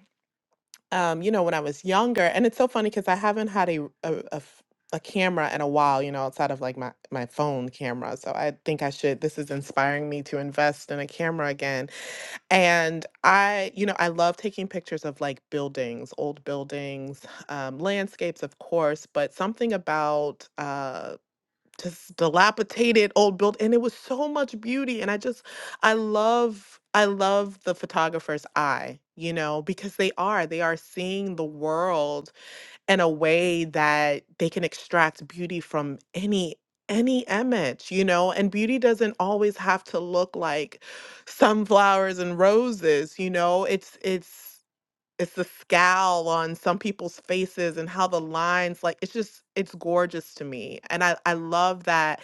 B: um you know when I was younger, and it's so funny because I haven't had a, a a f- a camera in a while. You know, outside of like my my phone camera, so I think I should. This is inspiring me to invest in a camera again and I, you know, I love taking pictures of like buildings, old buildings, um, landscapes, of course, but something about uh, just dilapidated old build, and it was so much beauty. And I just, I love, I love the photographer's eye, you know, because they are, they are seeing the world in a way that they can extract beauty from any any image you know and beauty doesn't always have to look like sunflowers and roses you know it's it's it's the scowl on some people's faces and how the lines like it's just it's gorgeous to me and i i love that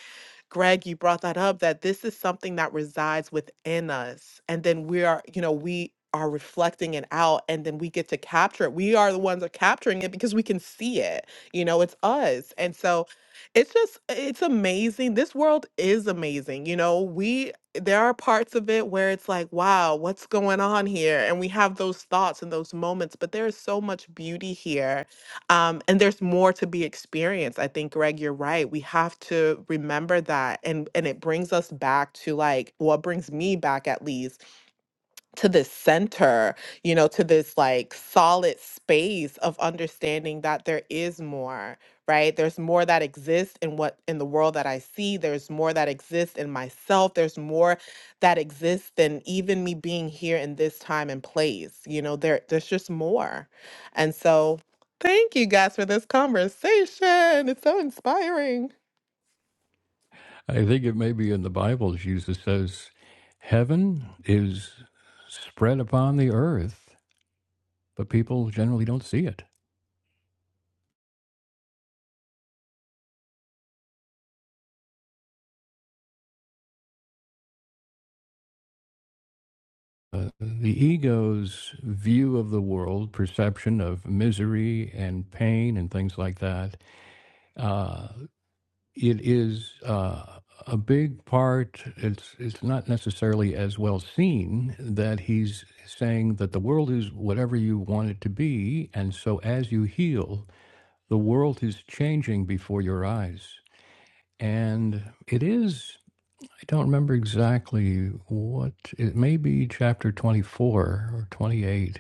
B: greg you brought that up that this is something that resides within us and then we are you know we are reflecting it out and then we get to capture it we are the ones that are capturing it because we can see it you know it's us and so it's just it's amazing this world is amazing you know we there are parts of it where it's like, wow, what's going on here? And we have those thoughts and those moments, but there is so much beauty here. Um, and there's more to be experienced. I think, Greg, you're right. We have to remember that. And and it brings us back to like what brings me back at least to this center, you know, to this like solid space of understanding that there is more, right? There's more that exists in what in the world that I see. There's more that exists in myself. There's more that exists than even me being here in this time and place. You know, there there's just more. And so thank you guys for this conversation. It's so inspiring.
A: I think it may be in the Bible. Jesus says, "Heaven is spread upon the earth, but people generally don't see it." Uh, the ego's view of the world, perception of misery and pain and things like that, uh, it is uh, a big part. It's it's not necessarily as well seen that he's saying that the world is whatever you want it to be, and so as you heal, the world is changing before your eyes, and it is. I don't remember exactly what it may be chapter 24 or 28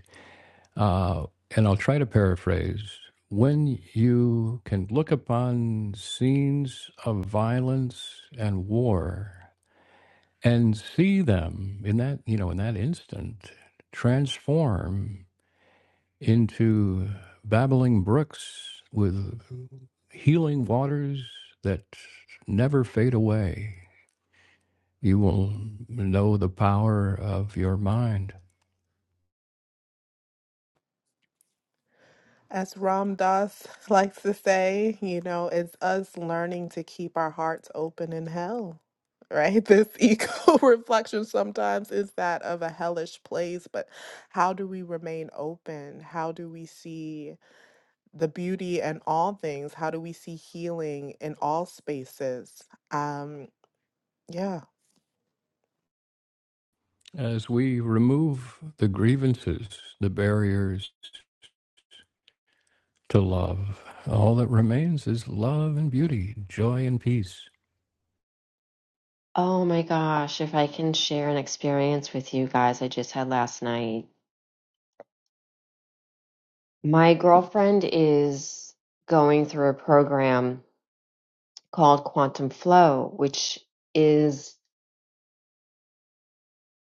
A: uh, and I'll try to paraphrase when you can look upon scenes of violence and war and see them in that, you know, in that instant transform into babbling brooks with healing waters that never fade away. You will know the power of your mind.
B: As Ram Dass likes to say, you know, it's us learning to keep our hearts open in hell, right? This ego reflection sometimes is that of a hellish place, but how do we remain open? How do we see the beauty in all things? How do we see healing in all spaces? Um, yeah.
A: As we remove the grievances, the barriers, to love. All that remains is love and beauty, joy and peace.
C: Oh my gosh, if I can share an experience with you guys I just had last night. My girlfriend is going through a program called Quantum Flow, which is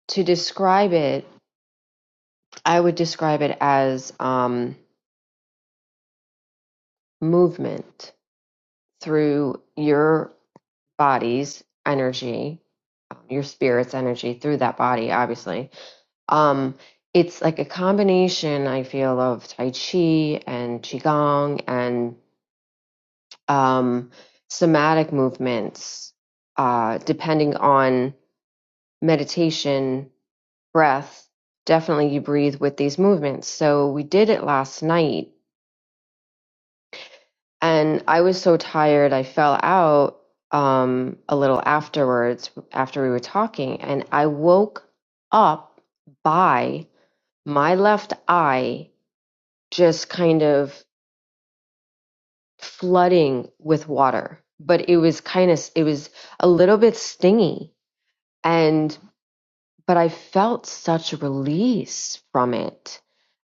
C: to describe it, I would describe it as um, movement. through your body's energy, um, your spirit's energy through that body, obviously. Um, it's like a combination, I feel, of Tai Chi and Qigong and um, somatic movements, uh, depending on meditation, breath. Definitely, you breathe with these movements. So, we did it last night And I was so tired, I fell out um, a little afterwards, after we were talking, and I woke up by my left eye just kind of flooding with water. But it was kind of, it was a little bit stingy. And, but I felt such release from it.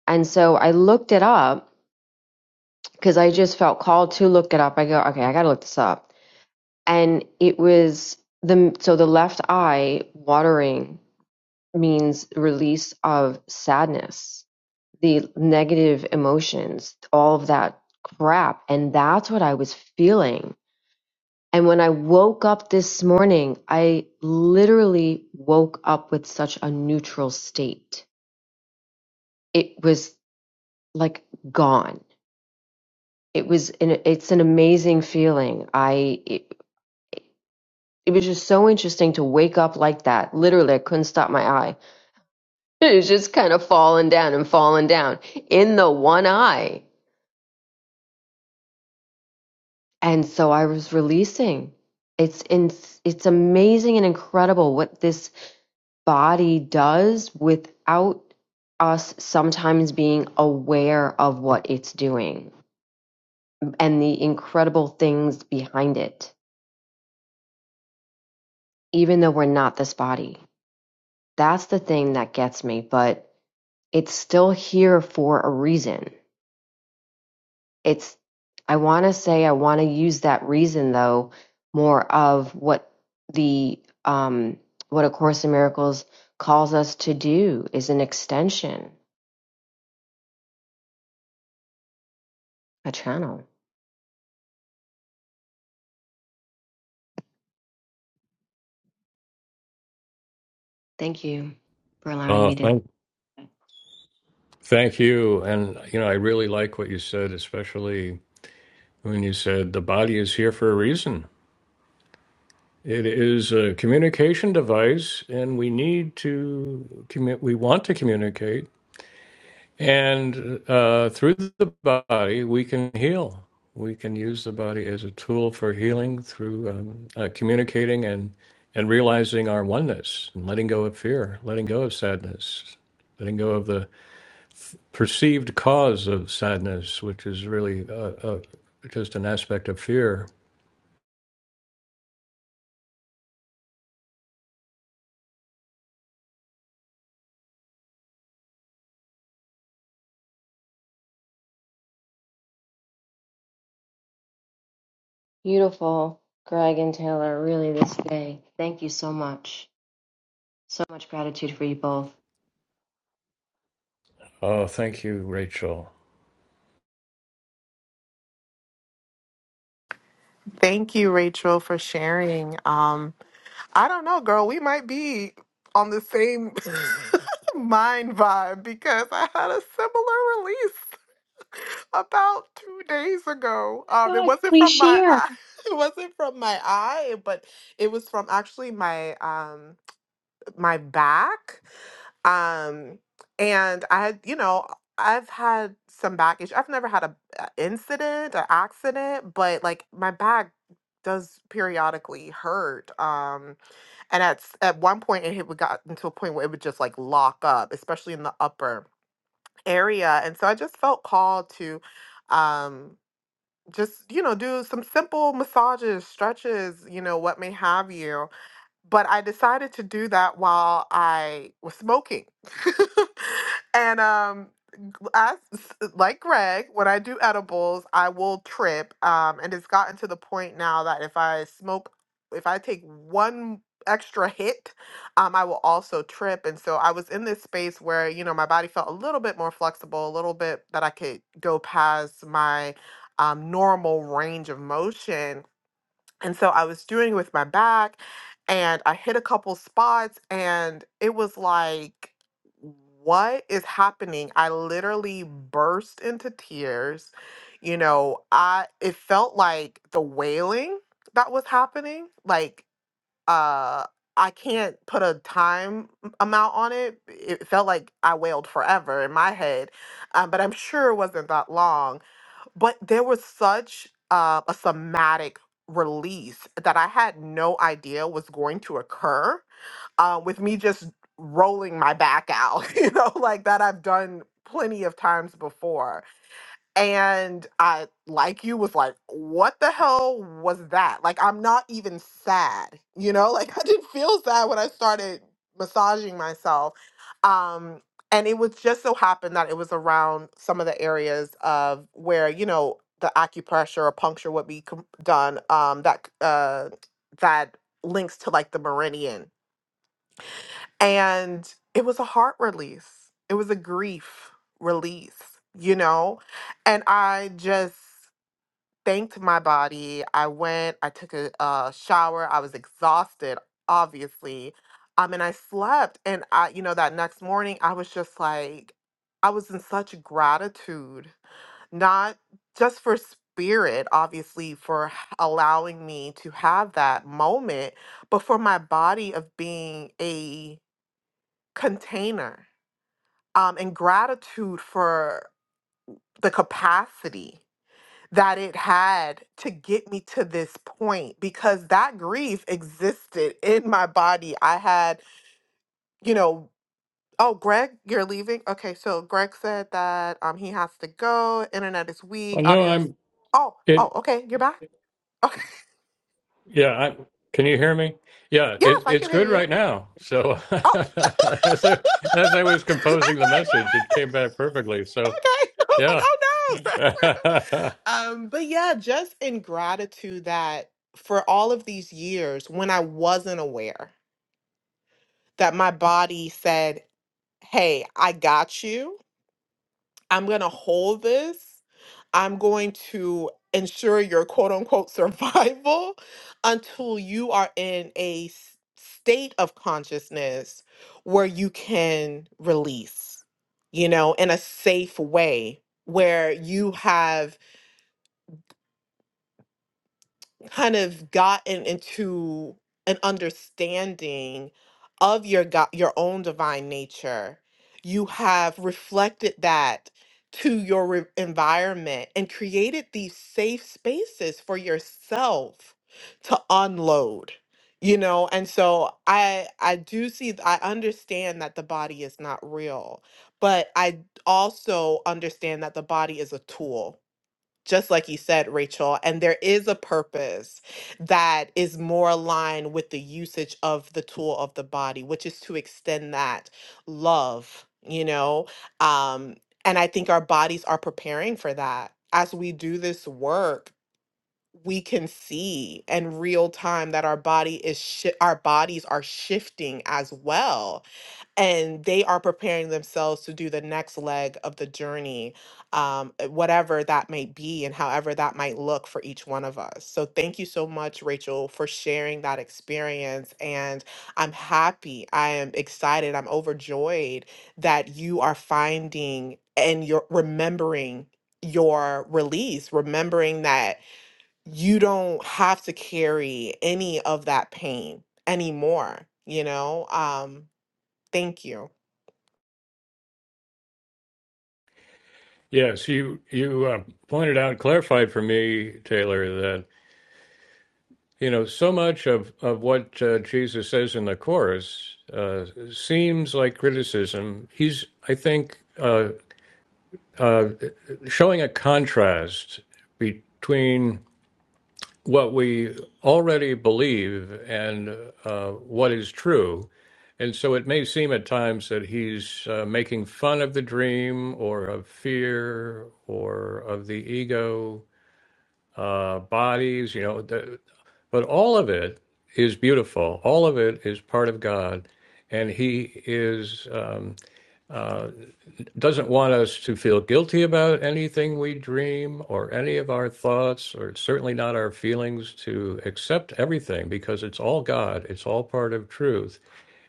C: And so I looked it up because I just felt called to look it up. I go, okay, I got to look this up. and it was the so the left eye watering means release of sadness the negative emotions all of that crap and that's what i was feeling and when i woke up this morning i literally woke up with such a neutral state it was like gone it was an, it's an amazing feeling i it, it was just so interesting to wake up like that literally i couldn't stop my eye It was just kind of falling down and falling down in the one eye. And so I was releasing. It's in, it's amazing and incredible what this body does without us sometimes being aware of what it's doing and the incredible things behind it, even though we're not this body. That's the thing that gets me, but it's still here for a reason it's i want to say i want to use that reason though more of what the um what a course in miracles calls us to do is an extension a channel thank you for allowing
A: Oh,
C: me to
A: thank, thank you. And, you know, I really like what you said, especially when you said the body is here for a reason. It is a communication device, and we need to commu- We want to communicate. And uh, through the body, we can heal. We can use the body as a tool for healing through um, uh, communicating and, and realizing our oneness and letting go of fear, letting go of sadness, letting go of the perceived cause of sadness, which is really uh, uh, just an aspect of fear.
C: beautiful greg and taylor really this day thank you so much so much gratitude for you both
A: Oh, thank you, Rachel.
B: Thank you, Rachel, for sharing. Um, I don't know, girl. We might be on the same mind vibe because I had a similar release about two days ago. Um,
C: Oh my
B: it
C: God,
B: wasn't
C: please
B: from my
C: share.
B: eye. It wasn't from my eye, but it was from actually my um my back. Um, and I had you know I've had some back issues. I've never had a, a incident, an accident, but like my back does periodically hurt. Um and at s- at one point, it had gotten to a point where it would just like lock up, especially in the upper area. And so I just felt called to, um, just you know, do some simple massages, stretches, you know, what may have you but I decided to do that while I was smoking. and um g- I, s- like Greg, when I do edibles, I will trip. Um, and it's gotten to the point now that if I smoke, if I take one extra hit, um, I will also trip. And so I was in this space where, you know, my body felt a little bit more flexible, a little bit that I could go past my um, normal range of motion and so I was doing it with my back and I hit a couple spots and it was like, what is happening? I literally burst into tears. You know, I it felt like the wailing that was happening. Like uh I can't put a time m- amount on it. It felt like I wailed forever in my head, um, but I'm sure it wasn't that long but there was such uh, a somatic release that I had no idea was going to occur uh, with me just rolling my back out, you know, like that I've done plenty of times before. And I, like you, was like, what the hell was that? Like, I'm not even sad, you know? Like, I didn't feel sad when I started massaging myself. Um, and it was just so happened that it was around some of the areas of where, you know, the acupressure or puncture would be com- done um, that, uh, that links to like the meridian and it was a heart release. It was a grief release, you know? And I just thanked my body. I went, I took a, a shower. I was exhausted, obviously. Um, and I slept. And I, you know, that next morning, I was just like, I was in such gratitude, not just for spirit, obviously, for h- allowing me to have that moment, but for my body of being a container um, and gratitude for the capacity that it had to get me to this point because that grief existed in my body. I had, you know, oh, Greg, you're leaving? Okay, so Greg said that um, he has to go. Internet is
A: Oh
B: weak.
A: no,
B: Audio's.
A: I'm
B: Oh, oh,
A: it.
B: okay, you're back? Okay.
A: Yeah, I, can you hear me? Yeah,
B: Yes,
A: it's
B: I
A: it's
B: can hear
A: good
B: you.
A: right now. So
B: Oh.
A: as I, as I was
B: I'm
A: composing the
B: like, what
A: message, it came
B: happened?
A: back perfectly. So
B: Okay. I was like,
A: yeah,
B: oh no. Um, but yeah, just in gratitude that for all of these years when I wasn't aware that my body said, Hey, I got you. I'm going to hold this. I'm going to ensure your quote unquote survival until you are in a s- state of consciousness where you can release, you know, in a safe way where you have kind of gotten into an understanding of your God, your own divine nature, you have reflected that to your re- environment and created these safe spaces for yourself to unload you know and so i i do see i understand that the body is not real but i also understand that the body is a tool just like you said, Rachel, and there is a purpose that is more aligned with the usage of the tool of the body, which is to extend that love, you know? Um, and I think our bodies are preparing for that. As we do this work, we can see in real time that our body is shi our bodies are shifting as well and they are preparing themselves to do the next leg of the journey, um, uh, whatever that may be and however that might look for each one of us. So, thank you so much, Rachel, for sharing that experience. And I'm happy, I am excited, I'm overjoyed that you are finding and you're remembering your release, remembering that you don't have to carry any of that pain anymore, you know? Um, thank you.
A: yes, you you uh, pointed out, clarified for me, Taylor, that you know so much of of what uh, Jesus says in the chorus uh, seems like criticism. He's, I think, uh, uh, showing a contrast between. what we already believe and uh, what is true. And so it may seem at times that he's uh, making fun of the dream or of fear or of the ego, uh, bodies, you know, the, but all of it is beautiful. All of it is part of God. And he is. um, doesn't want us to feel guilty about anything we dream or any of our thoughts or certainly not our feelings to accept everything because it's all god it's all part of truth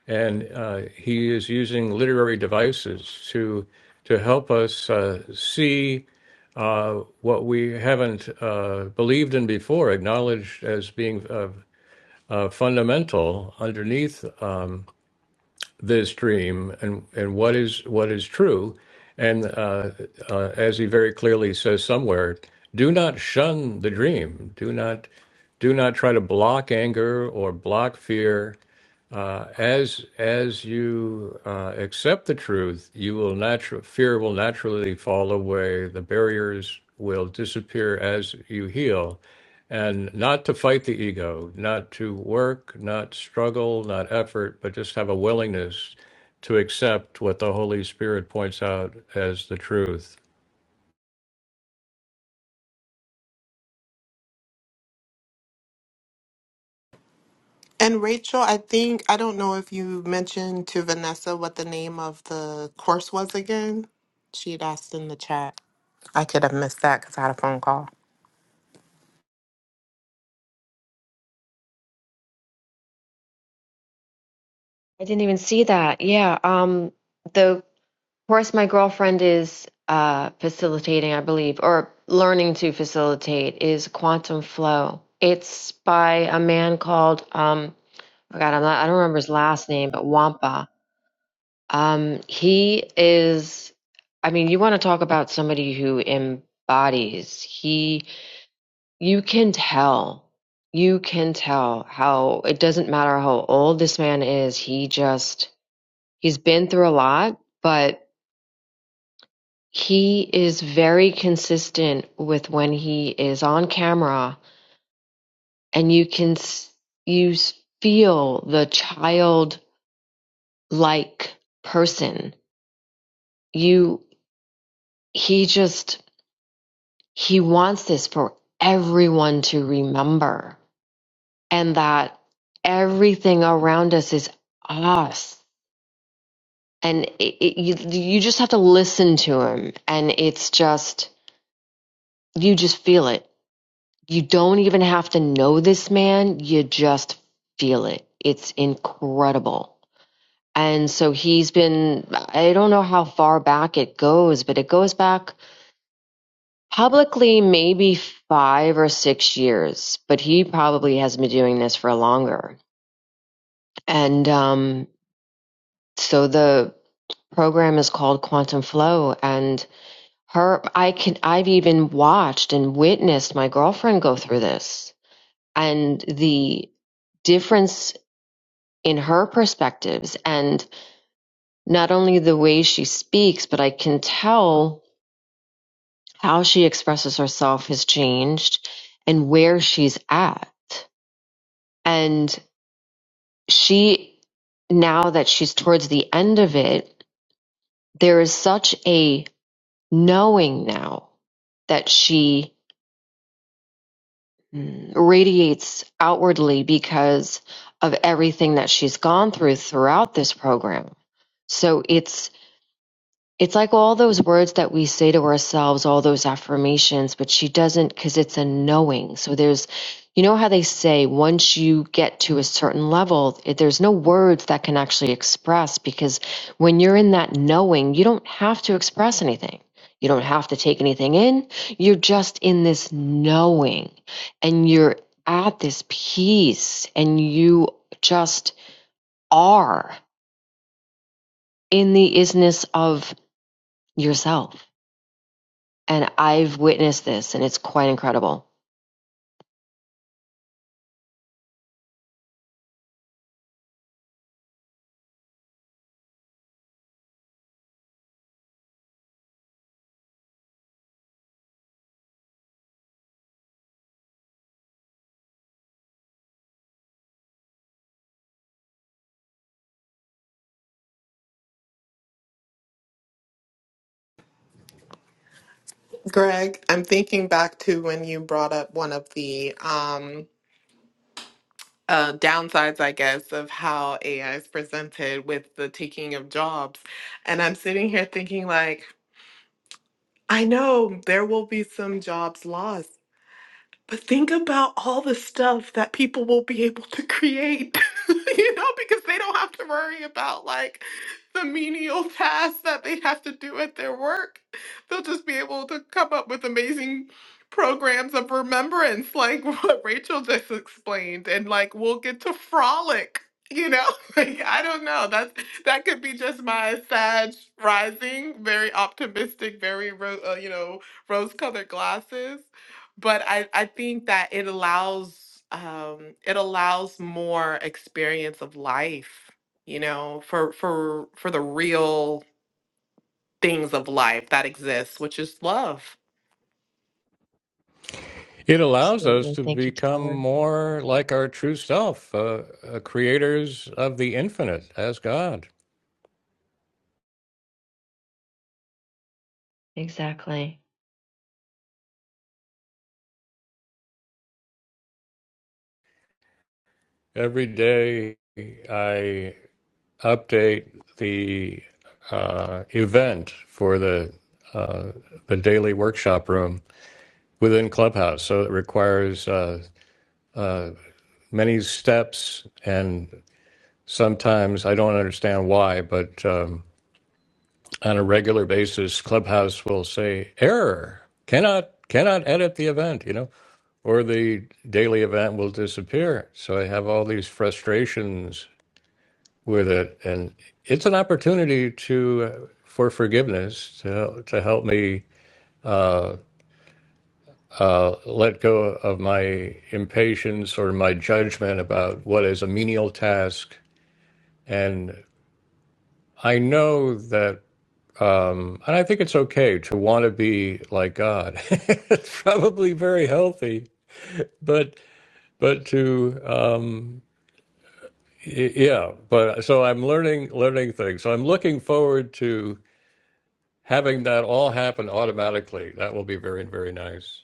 A: and uh, he is using literary devices to to help us uh, see uh, what we haven't uh, believed in before, acknowledged as being uh, uh, fundamental underneath this dream and, and what is what is true. And uh, uh, as he very clearly says somewhere, do not shun the dream. Do not do not try to block anger or block fear as as you uh, accept the truth, you will natural fear will naturally fall away. The barriers will disappear as you heal, and not to fight the ego, not to work, not struggle, not effort, but just have a willingness to accept what the Holy Spirit points out as the truth.
B: And Rachel, I think, I don't know if you mentioned to Vanessa what the name of the course was again. She'd asked in the chat. I could have missed that because I had a phone call.
C: i didn't even see that yeah um the Of course, my girlfriend is uh, facilitating, I believe, or learning to facilitate, is Quantum Flow. It's by a man called um, I forgot, I'm not, I don't remember his last name, but Wampa. Um, he is, I mean, you want to talk about somebody who embodies. He, you can tell, you can tell how it doesn't matter how old this man is. He just, he's been through a lot, but He is very consistent with when he is on camera, and you can you feel the childlike person. You he just he wants this for everyone to remember, and that everything around us is us. And it, it, you, you just have to listen to him, and it's just you just feel it you don't even have to know this man, you just feel it. It's incredible. And so he's been, I don't know how far back it goes, but it goes back publicly maybe five or six years, but he probably has been doing this for longer. And um, so the program is called Quantum Flow and her I can I've even watched and witnessed my girlfriend go through this and the difference in her perspectives and not only the way she speaks but i can tell how she expresses herself has changed and where she's at and she now that she's towards the end of it there is such a knowing now that she mm, radiates outwardly because of everything that she's gone through throughout this program so it's It's like all those words that we say to ourselves, all those affirmations, but she doesn't because it's a knowing. So there's, you know how they say once you get to a certain level, it, there's no words that can actually express because when you're in that knowing, you don't have to express anything. You don't have to take anything in. You're just in this knowing and you're at this peace and you just are in the isness of yourself And I've witnessed this, and it's quite incredible.
B: Greg, I'm thinking back to when you brought up one of the um, uh, downsides, I guess, of how AI is presented with the taking of jobs. And I'm sitting here thinking, like, I know there will be some jobs lost. But think about all the stuff that people will be able to create, you know, because they don't have to worry about like the menial tasks that they have to do at their work. They'll just be able to come up with amazing programs of remembrance, like what Rachel just explained, and like we'll get to frolic. You know, like I don't know. That's that could be just my Sag rising, very optimistic, very ro- uh, you know rose-colored glasses but I, I think that it allows um, it allows more experience of life, you know, for for for the real things of life that exists, which is love.
A: It allows us
C: Absolutely.
A: to
C: Thank you,
A: become
C: Taylor.
A: more like our true self, uh, uh, creators of the infinite as God.
C: Exactly.
A: Every day I update the uh, event for the uh, the daily workshop room within Clubhouse. So it requires uh, uh, many steps, and sometimes I don't understand why, but um, on a regular basis, Clubhouse will say error cannot cannot edit the event, you know, or the daily event will disappear. So I have all these frustrations with it, and it's an opportunity to uh, for forgiveness to to help me uh, uh, let go of my impatience or my judgment about what is a menial task, and I know that. Um, and I think it's okay to want to be like God. it's probably very healthy, but but to um, y- yeah. But so I'm learning learning things. So I'm looking forward to having that all happen automatically that will be very very nice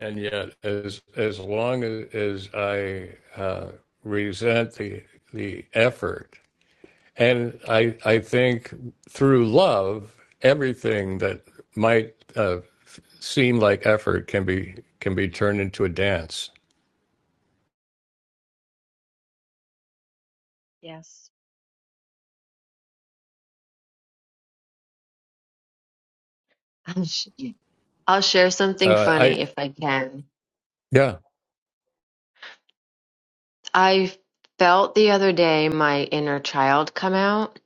A: and yet as as long as, as i uh, resent the the effort and i i think through love everything that might uh, seem like effort can be can be turned into a dance
C: Yes. I'll sh- I'll share something
A: uh, i
C: funny if I can.
A: yeah
C: I felt the other day my inner child come out,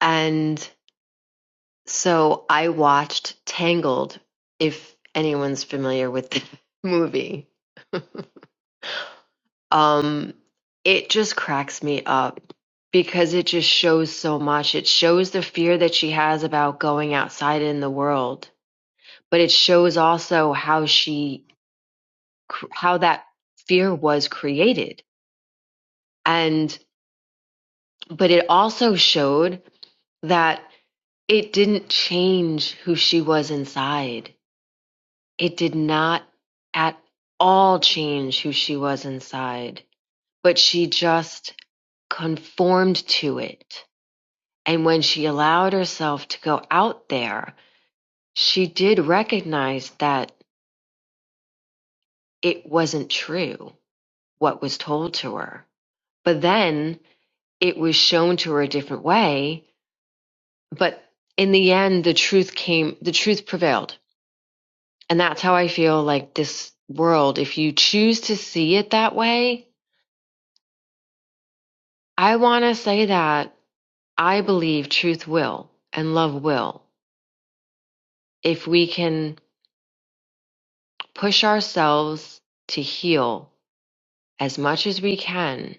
C: and so I watched Tangled, if anyone's familiar with the movie. um it just cracks me up because it just shows so much it shows the fear that she has about going outside in the world but it shows also how she cr- how that fear was created and but it also showed that it didn't change who she was inside it did not at all change who she was inside but she just conformed to it And when she allowed herself to go out there, she did recognize that it wasn't true what was told to her. But then it was shown to her a different way. But in the end, the truth came, the truth prevailed. And that's how I feel like this world, if you choose to see it that way, I want to say that I believe truth will and love will. If we can push ourselves to heal as much as we can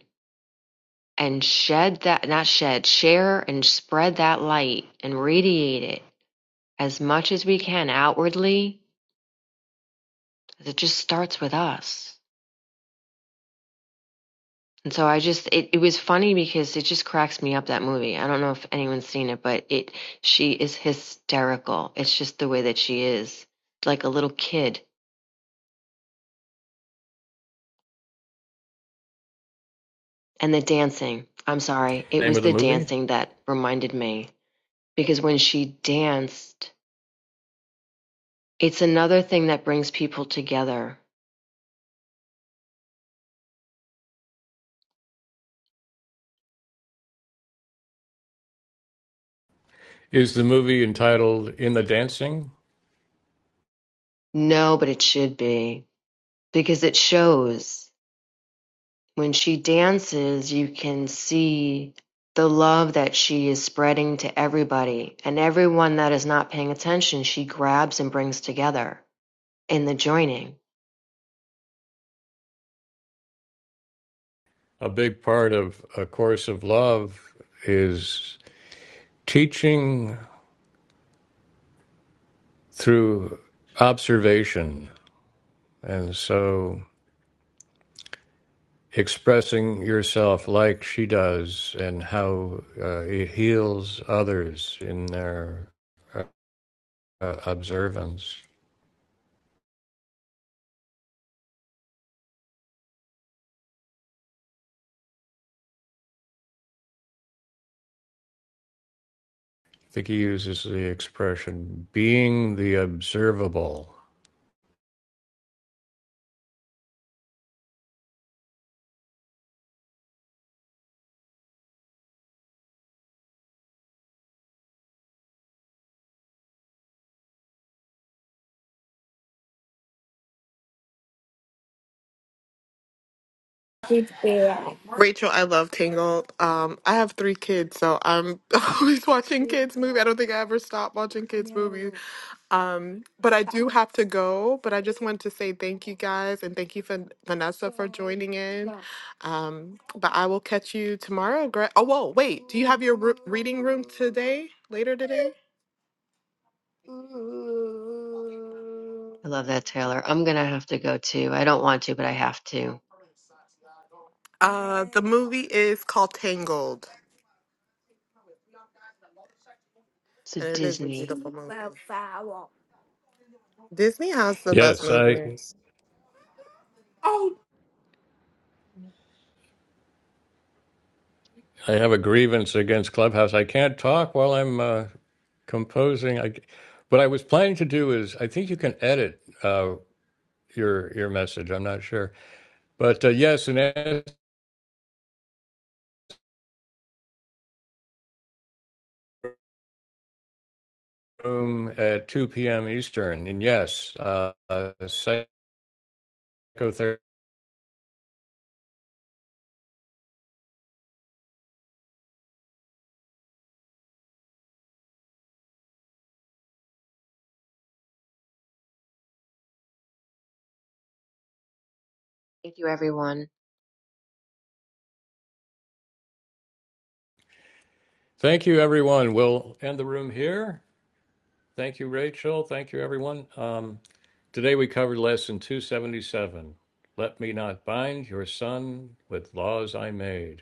C: and shed that, not shed, share and spread that light and radiate it as much as we can outwardly. It just starts with us. And so I just, it, it was funny because it just cracks me up that movie. I don't know if anyone's seen it, but it, she is hysterical. It's just the way that she is, like a little kid. And the dancing, I'm sorry, it
A: name
C: was
A: of the
C: the
A: movie
C: dancing that reminded me because when she danced, It's another thing that brings people together.
A: is the movie entitled in the dancing
C: No, but it should be because it shows when she dances, you can see the love that she is spreading to everybody and everyone that is not paying attention, she grabs and brings together in the joining.
A: a big part of a course of love is teaching through observation. And so expressing yourself like she does and how uh, it heals others in their uh, uh, observance. I think he uses the expression being the observable.
B: Rachel, I love Tangled. Um, I have three kids, so I'm always watching kids' movie. I don't think I ever stop watching kids' movies. Um, but I do have to go, but I just wanted to say thank you guys and thank you for Vanessa for joining in. Um, but I will catch you tomorrow. Gra- Oh, whoa, wait. Do you have your ru- reading room today, later today?
C: I love that, Taylor. I'm going to have to go too. I don't want to, but I have to.
B: Uh, the movie is called Tangled,
C: So,
B: and it is a
C: Disney.
B: beautiful movie. Disney has the best
A: Yes, I
B: movies.
A: I have a grievance against Clubhouse. I can't talk while I'm uh, composing. I, what I was planning to do is I think you can edit uh, your your message. I'm not sure, but uh, yes, in room at 2 p.m. Eastern. And yes, uh, uh, psychotherapy.
C: Thank you, everyone.
A: Thank you, everyone. We'll end the room here. Thank you, Rachel. Thank you, everyone. Um, today we covered lesson 277. Let me not bind your son with laws I made.